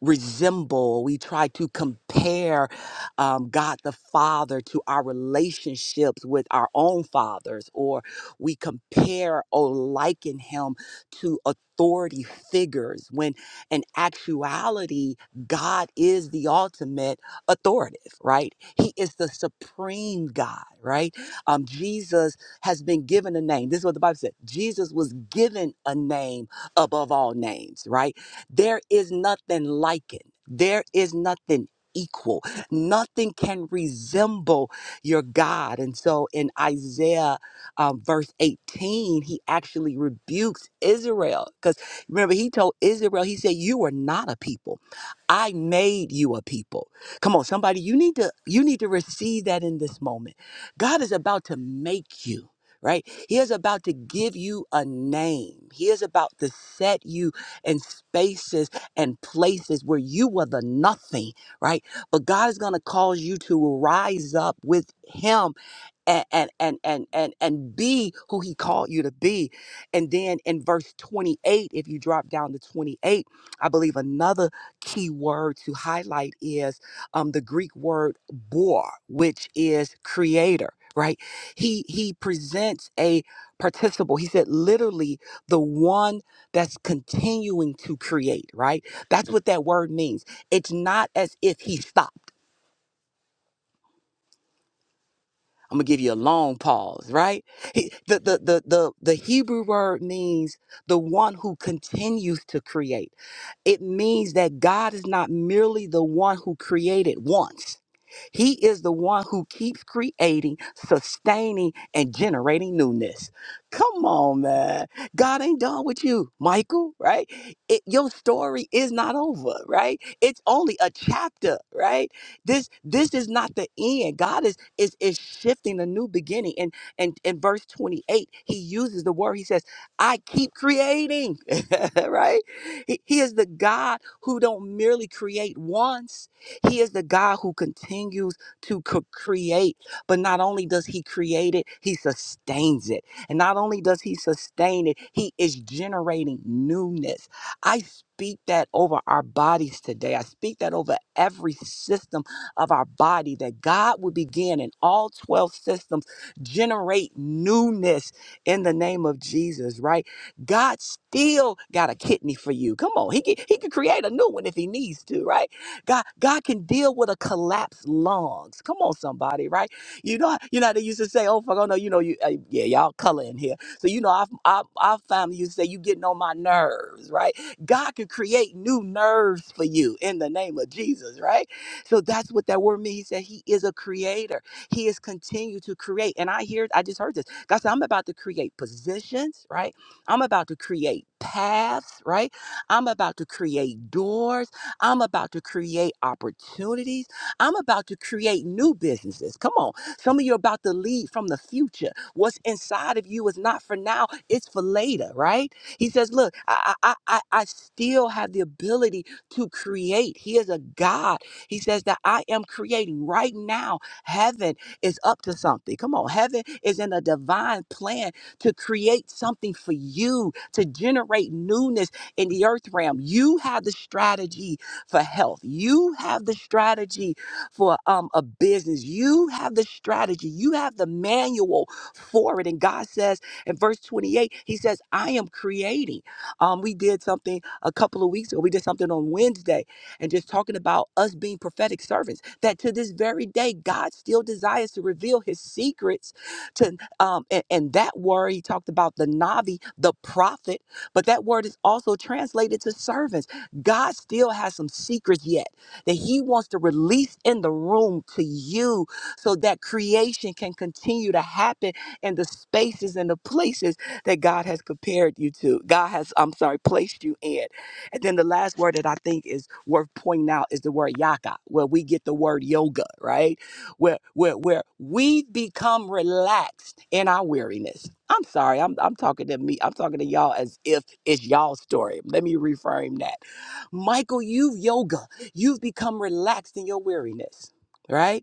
S2: resemble, we try to compare um, God the Father to our relationships with our own fathers, or we compare or liken him to authority figures when in actuality, God is the ultimate authoritative, right? He is the supreme God, right? Um, Jesus has been given a name. This is what the Bible said Jesus was given a name above all names, right? There is nothing like it. There is nothing equal. Nothing can resemble your God. And so in Isaiah um, verse 18, he actually rebukes Israel. Because remember, he told Israel, he said, You are not a people. I made you a people. Come on, somebody, you need to you need to receive that in this moment. God is about to make you. Right? He is about to give you a name. He is about to set you and spaces and places where you were the nothing, right? But God is going to cause you to rise up with Him and and and and and, and be who he called you to be and then in verse 28 if you drop down to 28 i believe another key word to highlight is um, the greek word bor which is creator right he he presents a participle he said literally the one that's continuing to create right that's what that word means it's not as if he stopped I'm gonna give you a long pause, right? He, the, the the the the Hebrew word means the one who continues to create. It means that God is not merely the one who created once. He is the one who keeps creating, sustaining, and generating newness. Come on, man. God ain't done with you, Michael, right? It, your story is not over, right? It's only a chapter, right? This this is not the end. God is is is shifting a new beginning. And and in verse 28, he uses the word, he says, I keep creating, *laughs* right? He, he is the God who don't merely create once. He is the God who continues to c- create, but not only does He create it, He sustains it. And not only does He sustain it, He is generating newness. I speak that over our bodies today. I speak that over every system of our body, that God would begin in all 12 systems, generate newness in the name of Jesus, right? God still got a kidney for you. Come on, he can, he can create a new one if he needs to, right? God, God can deal with a collapsed lungs. Come on, somebody, right? You know, you know how they used to say, "Oh, fuck, oh no, you know, you uh, yeah, y'all color in here." So you know, our, our our family used to say, "You getting on my nerves," right? God can create new nerves for you in the name of Jesus, right? So that's what that word means. He said He is a creator. He is continue to create, and I hear, I just heard this. God said, "I'm about to create positions, right? I'm about to create paths, right? I'm about to create doors." I'm about to create opportunities. I'm about to create new businesses. Come on. Some of you are about to lead from the future. What's inside of you is not for now, it's for later, right? He says, Look, I, I, I, I still have the ability to create. He is a God. He says that I am creating right now. Heaven is up to something. Come on. Heaven is in a divine plan to create something for you, to generate newness in the earth realm. You have the strategy for health. You have the strategy for um, a business. You have the strategy. You have the manual for it. And God says in verse 28, He says, I am creating. Um, we did something a couple of weeks ago. We did something on Wednesday and just talking about us being prophetic servants, that to this very day, God still desires to reveal His secrets to um and, and that word he talked about the navi the prophet but that word is also translated to servants God still has some secrets yet that He wants to release in the room to you so that creation can continue to happen in the spaces and the places that God has compared you to. God has, I'm sorry, placed you in. And then the last word that I think is worth pointing out is the word yaka, where we get the word yoga, right? Where where where we become relaxed in our weariness. I'm sorry, I'm I'm talking to me, I'm talking to y'all as if it's you alls story. Let me reframe that Michael, you've yoga. You've become relaxed in your weariness, right?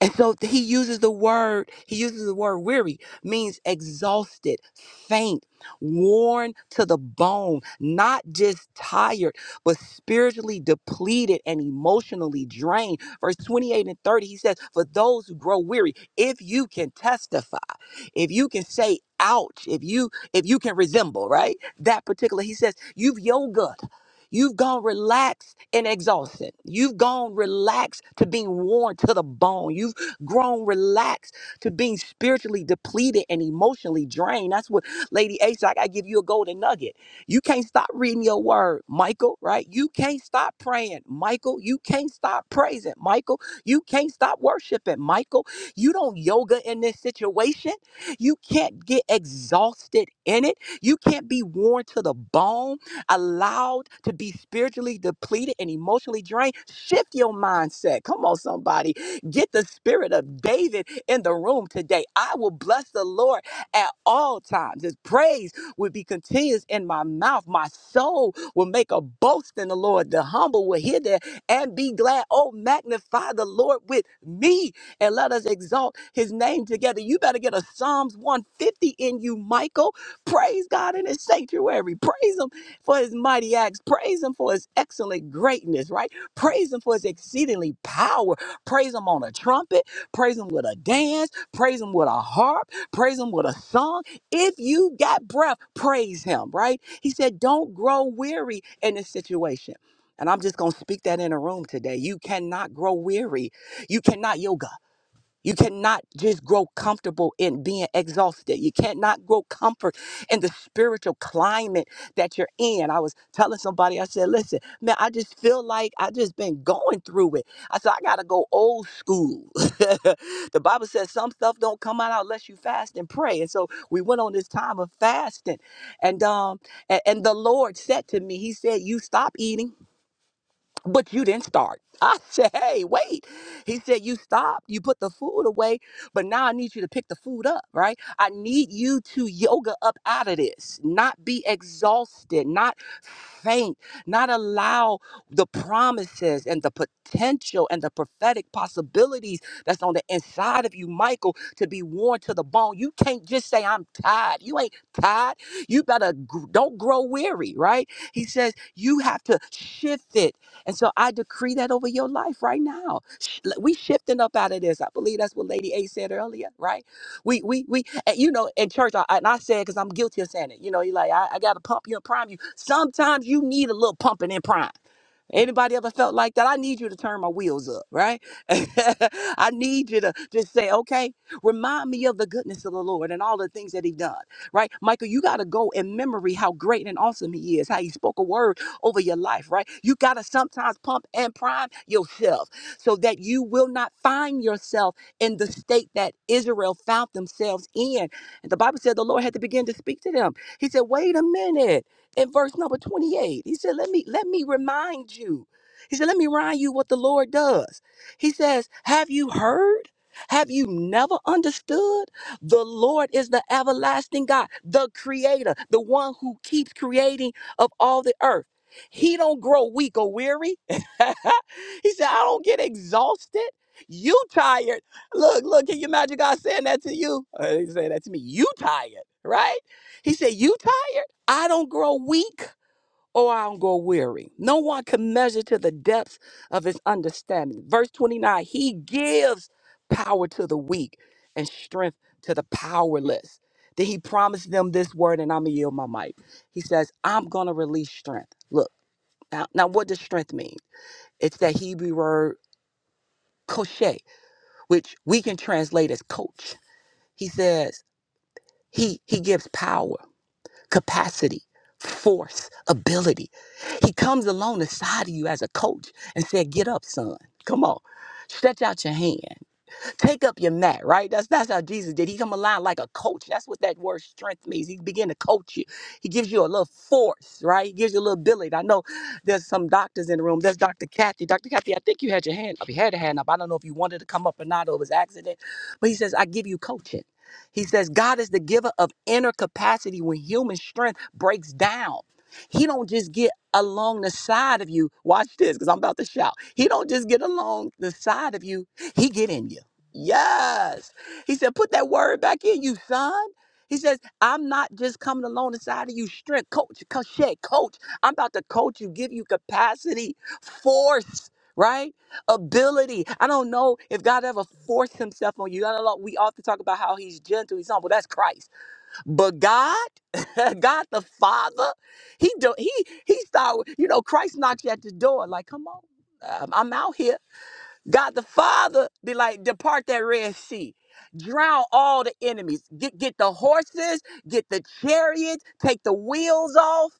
S2: And so th- he uses the word, he uses the word weary, means exhausted, faint, worn to the bone, not just tired, but spiritually depleted and emotionally drained. Verse 28 and 30, he says, For those who grow weary, if you can testify, if you can say, ouch, if you if you can resemble, right? That particular, he says, you've yoga. You've gone relaxed and exhausted. You've gone relaxed to being worn to the bone. You've grown relaxed to being spiritually depleted and emotionally drained. That's what Lady Ace, I gotta give you a golden nugget. You can't stop reading your word, Michael, right? You can't stop praying, Michael. You can't stop praising, Michael. You can't stop worshiping, Michael. You don't yoga in this situation. You can't get exhausted in it. You can't be worn to the bone, allowed to be spiritually depleted and emotionally drained. Shift your mindset. Come on, somebody Get the spirit of David in the room today. I will bless the Lord at all times. His praise will be continuous in my mouth. My soul will make a boast in the Lord. The humble will hear that and be glad. Oh, magnify the Lord with me and let us exalt his name together. You better get a Psalms 150 in you, Michael. Praise God in his sanctuary. Praise him for his mighty acts. Praise him for his excellent greatness, right? Praise him for his exceedingly power. Praise him on a trumpet. Praise him with a dance. Praise him with a harp. Praise him with a song. If you got breath, praise him, right? He said, don't grow weary in this situation. And I'm just going to speak that in a room today. You cannot grow weary. You cannot yoga. You cannot just grow comfortable in being exhausted. You cannot grow comfort in the spiritual climate that you're in. I was telling somebody, I said, listen, man, I just feel like I just been going through it. I said, I gotta go old school. *laughs* the Bible says some stuff don't come out unless you fast and pray. And so we went on this time of fasting. And um and, and the Lord said to me, He said, You stop eating but you didn't start. *laughs* I said, hey, wait. He said, you stopped. You put the food away, but now I need you to pick the food up, right? I need you to yoga up out of this, not be exhausted, not faint, not allow the promises and the potential and the prophetic possibilities that's on the inside of you, Michael, to be worn to the bone. You can't just say, I'm tired. You ain't tired. You better, gr- don't grow weary, right? He says, you have to shift it and so I decree that over your life right now. Sh- We shifting up out of this. I believe that's what Lady A said earlier, right? We we we and you know in church, I, and I said because I'm guilty of saying it. You know, you like I, I got to pump you and prime you. Sometimes you need a little pumping and prime. Anybody ever felt like that? I need you to turn my wheels up, right? *laughs* I need you to just say, okay, remind me of the goodness of the Lord and all the things that He done, right? Michael, you got to go in memory how great and awesome He is, how He spoke a word over your life, right? You got to sometimes pump and prime yourself so that you will not find yourself in the state that Israel found themselves in. And the Bible said the Lord had to begin to speak to them. He said, wait a minute in verse number 28. He said, Let me let me remind you. He said, Let me remind you what the Lord does. He says, Have you heard? Have you never understood? The Lord is the everlasting God, the creator, the one who keeps creating of all the earth. He don't grow weak or weary. *laughs* he said, I don't get exhausted. You tired. Look, look, can you imagine God saying that to you? Uh, He said that to me. You tired, right? He said, You tired? I don't grow weak or I don't grow weary. No one can measure to the depths of his understanding. Verse 29 He gives power to the weak and strength to the powerless. Then he promised them this word, and I'm going to yield my mic. He says, I'm going to release strength. Look, now, now what does strength mean? It's that Hebrew word koshe, which we can translate as coach. He says, he, he gives power. capacity, force, ability. He comes along the side of you as a coach and said, Get up, son. Come on. Stretch out your hand. Take up your mat, right? That's that's how Jesus did. He come along like a coach. That's what that word strength means. He began to coach you. He gives you a little force, right? He gives you a little ability. I know there's some doctors in the room. There's Dr. Kathy. Dr. Kathy, I think you had your hand up. You had a hand up. I don't know if you wanted to come up or not or it was accident. But he says, I give you coaching. He says, God is the giver of inner capacity when human strength breaks down. He don't just get along the side of you. Watch this, because I'm about to shout. He don't just get along the side of you. He get in you. Yes. He said, put that word back in you, son. He says, I'm not just coming along inside of you, strength, coach, coach, shit, coach. I'm about to coach you, give you capacity, force, right? Ability. I don't know if God ever forced himself on you. I don't know. We often talk about how he's gentle, he's humble. That's Christ. But God, *laughs* God the Father, he do, he he started, you know, Christ knocks you at the door, like, come on, i I'm out here. God the Father, be like, depart that Red Sea. Drown all the enemies. Get get the horses, get the chariots, take the wheels off,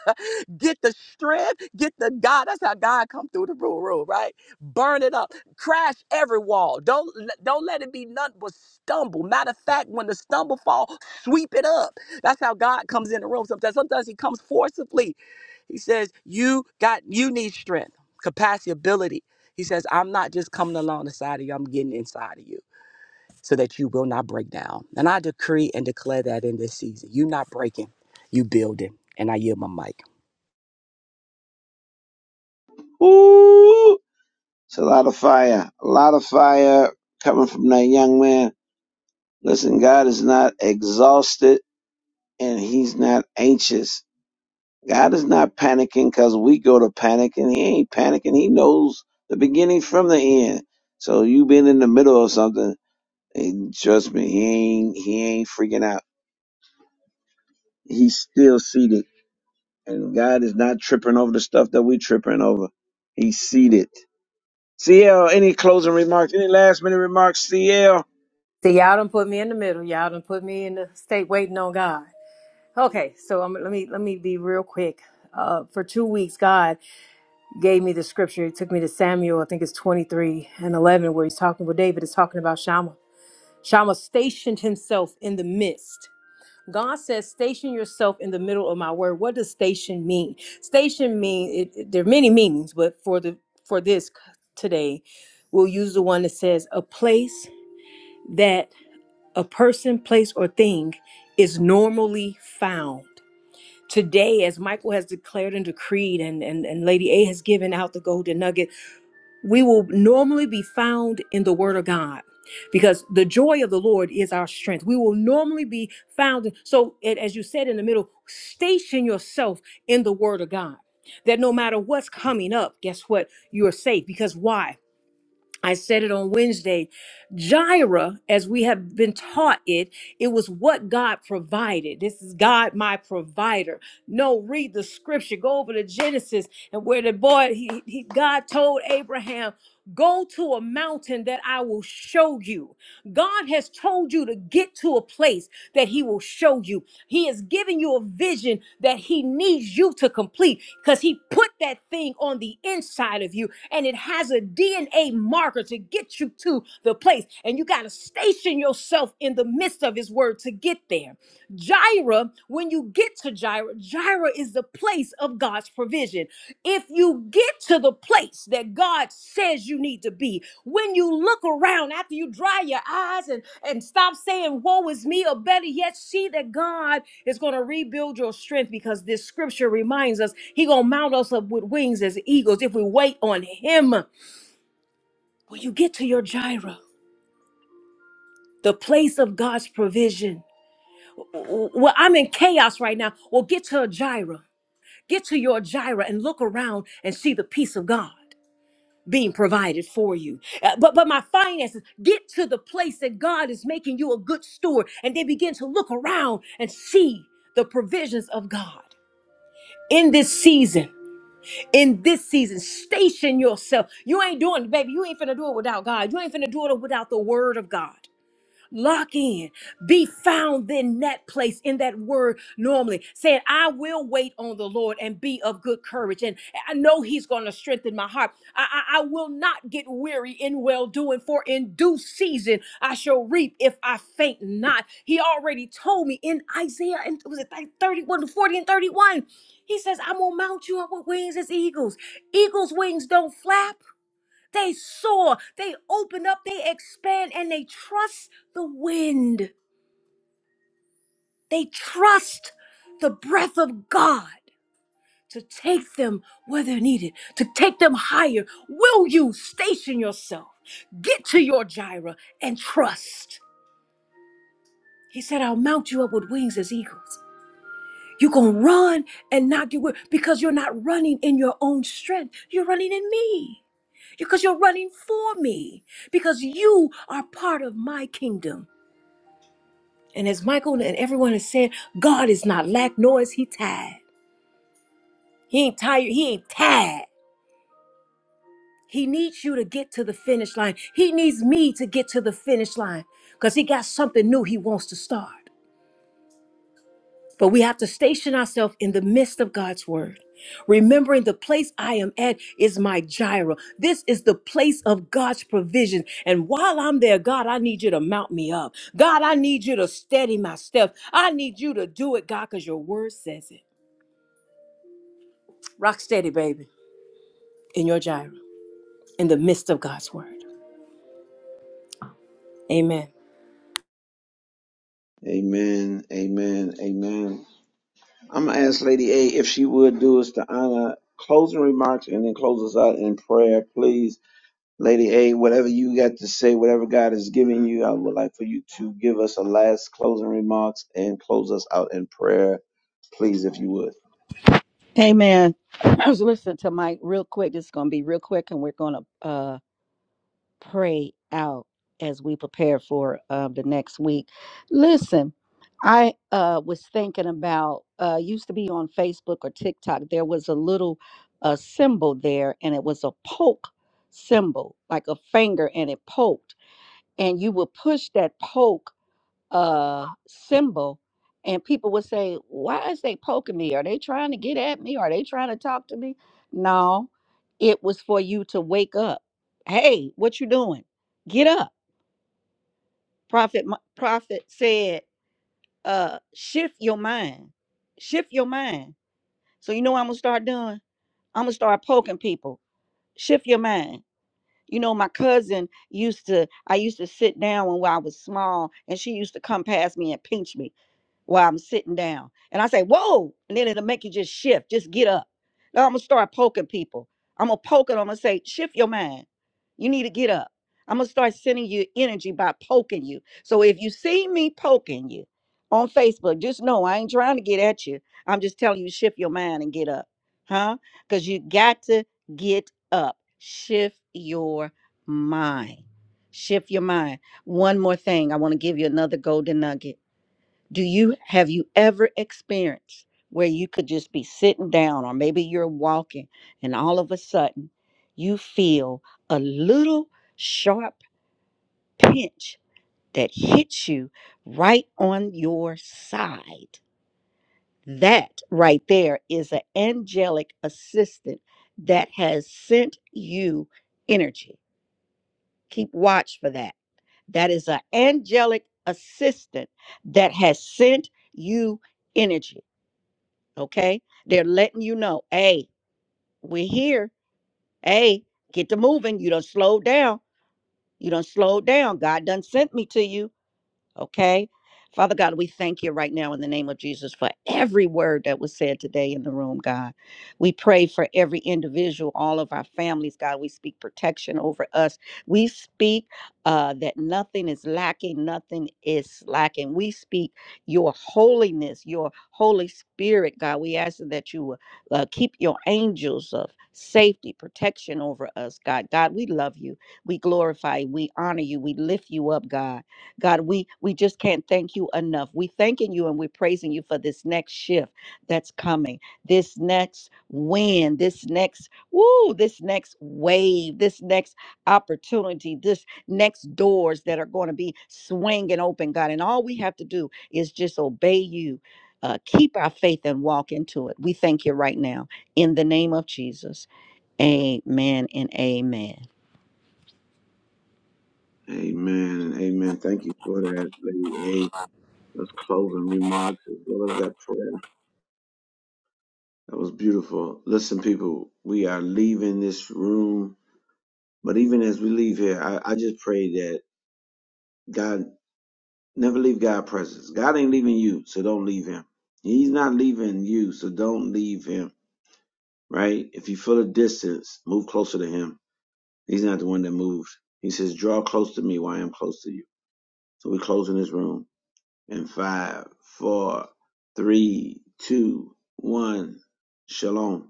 S2: *laughs* get the strength, get the God. That's how God come through the rule room, right? Burn it up. Crash every wall. Don't don't let it be none but stumble. Matter of fact, when the stumble fall, sweep it up. That's how God comes in the room. Sometimes sometimes he comes forcibly. He says, You got you need strength, capacity, ability. He says, I'm not just coming along the side of you, I'm getting inside of you so that you will not break down. And I decree and declare that in this season. you are not breaking, you building. And I yield my mic.
S1: Ooh, it's a lot of fire. A lot of fire coming from that young man. Listen, God is not exhausted, and He's not anxious God is not panicking because we go to panicking. He ain't panicking. He knows the beginning from the end. So you been in the middle of something, and trust me, he ain't he ain't freaking out. He's still seated, and God is not tripping over the stuff that we tripping over. He's seated. CL, any closing remarks? Any last minute remarks? CL.
S4: See, y'all done put me in the middle. Y'all done put me in the state waiting on God. Okay, so I'm, let me let me be real quick. Uh, for two weeks, God gave me the scripture. He took me to Samuel. I think it's 23 and 11, where he's talking. with David is talking about Shammah. Shammah stationed himself in the midst. God says, "Station yourself in the middle of my word." What does station mean? Station mean it, it- there are many meanings, but for the for this today, we'll use the one that says a place that a person, place, or thing is normally found. Today, as Michael has declared and decreed, and, and, and Lady A has given out the golden nugget, we will normally be found in the Word of God because the joy of the Lord is our strength. We will normally be found. So, a- as you said in the middle, station yourself in the Word of God. That no matter what's coming up, guess what? You are safe. Because why? I said it on Wednesday. Jireh, as we have been taught it, it was what God provided. This is God, my provider. No, read the scripture. Go over to Genesis and where the boy, he, he God told Abraham, go to a mountain that I will show you. God has told you to get to a place that He will show you. He has given you a vision that He needs you to complete because He put that thing on the inside of you and it has a DNA marker to get you to the place. And you got to station yourself in the midst of His word to get there. Jireh, when you get to Jireh, Jireh is the place of God's provision. If you get to the place that God says you need to be, when you look around after you dry your eyes and, and stop saying, Woe is me, or better yet, see that God is going to rebuild your strength because this scripture reminds us He going to mount us up with wings as eagles if we wait on Him. When you get to your gyra, the place of God's provision, w- w- well, I'm in chaos right now. Well, get to a gyra, get to your gyra and look around and see the peace of God. being provided for you. Uh, but but my finances get to the place that God is making you a good steward and they begin to look around and see the provisions of God. In this season, in this season, station yourself. You ain't doing, baby. You ain't finna do it without God. You ain't finna do it without the word of God. Lock in. Be found in that place, in that word normally, saying, I will wait on the Lord and be of good courage. And I know He's going to strengthen my heart. I, I, I will not get weary in well doing, for in due season I shall reap if I faint not. He already told me in Isaiah, and was it like 31, forty and 31? He says, I'm going to mount you up with wings as eagles. Eagles' wings don't flap. They soar, they open up, they expand, and they trust the wind. They trust the breath of God to take them where they're needed, to take them higher. Will you station yourself? Get to your gyra and trust. He said, I'll mount you up with wings as eagles. You're going to run and not get weary because you're not running in your own strength. You're running in me because you're running for me because you are part of my kingdom. And as Michael and everyone is saying, God is not lack, nor is he tired. He ain't tired. He ain't tired. He needs you to get to the finish line. He needs me to get to the finish line because he got something new he wants to start. But we have to station ourselves in the midst of God's word, remembering the place I am at is my gyra. This is the place of God's provision. And while I'm there, God, I need you to mount me up. God, I need you to steady my steps. I need you to do it, God, because your word says it. Rock steady, baby, in your gyro, in the midst of God's word. Amen.
S1: Amen. Amen. Amen. I'm gonna ask Lady A if she would do us the honor closing remarks and then close us out in prayer, please Lady A, whatever you got to say, whatever God has given you, I would like for you to give us a last closing remarks and close us out in prayer, please, if you would.
S3: Hey man, *clears throat* I was listening to Mike real quick. This is gonna be real quick, and we're gonna uh pray out as we prepare for um, the next week. Listen, I uh, was thinking about uh, used to be on Facebook or TikTok. There was a little uh, symbol there, and it was a poke symbol, like a finger, and it poked, and you would push that poke uh symbol and people would say why is they poking me are they trying to get at me are they trying to talk to me no it was for you to wake up hey what you doing get up prophet Mo- prophet said uh shift your mind shift your mind so you know what i'm gonna start doing i'm gonna start poking people shift your mind You know, my cousin used to, I used to sit down when I was small, and she used to come past me and pinch me while I'm sitting down. And I say, whoa, and then it'll make you just shift, just get up. Now I'm gonna start poking people. I'm gonna poke it. I'm gonna say, shift your mind. You need to get up. I'm gonna start sending you energy by poking you. So if you see me poking you on Facebook, just know I ain't trying to get at you. I'm just telling you, shift your mind and get up. Huh? Because you got to get up shift your mind. Shift your mind. One more thing, I want to give you another golden nugget. Do you have you ever experienced where you could just be sitting down or maybe you're walking and all of a sudden you feel a little sharp pinch that hits you right on your side? That right there is an angelic assistant that has sent you energy Keep watch for that. That is an angelic assistant that has sent you energy. Okay. They're letting you know, hey, we're here. Hey, get to moving. You don't slow down. You don't slow down. God done sent me to you Okay. Father God, we thank you right now in the name of Jesus for every word that was said today in the room, God. We pray for every individual, all of our families, God. We speak protection over us. We speak uh, that nothing is lacking, nothing is slacking. We speak your holiness, your Holy Spirit, God. We ask that you will uh, keep your angels of safety, protection over us, God. God, we love you. We glorify you. We honor you. We lift you up, God. God, we we just can't thank you enough. We thanking you and we're praising you for this next shift that's coming, this next win, this next woo, this next wave, this next opportunity, this next doors that are going to be swinging open, God. And all we have to do is just obey you. Uh, keep our faith and walk into it. We thank you right now in the name of Jesus. Amen and amen.
S1: Amen and amen. Thank you for that, Lady A. Those closing remarks as well as that prayer. That was beautiful. Listen, people, we are leaving this room. But even as we leave here, I, I just pray that God never leave God's presence. God ain't leaving you, so don't leave him. He's not leaving you, so don't leave him. Right? If you feel a distance, move closer to him. He's not the one that moved. He says, Draw close to me while I am close to you. So we close in this room in five, four, three, two, one. Shalom.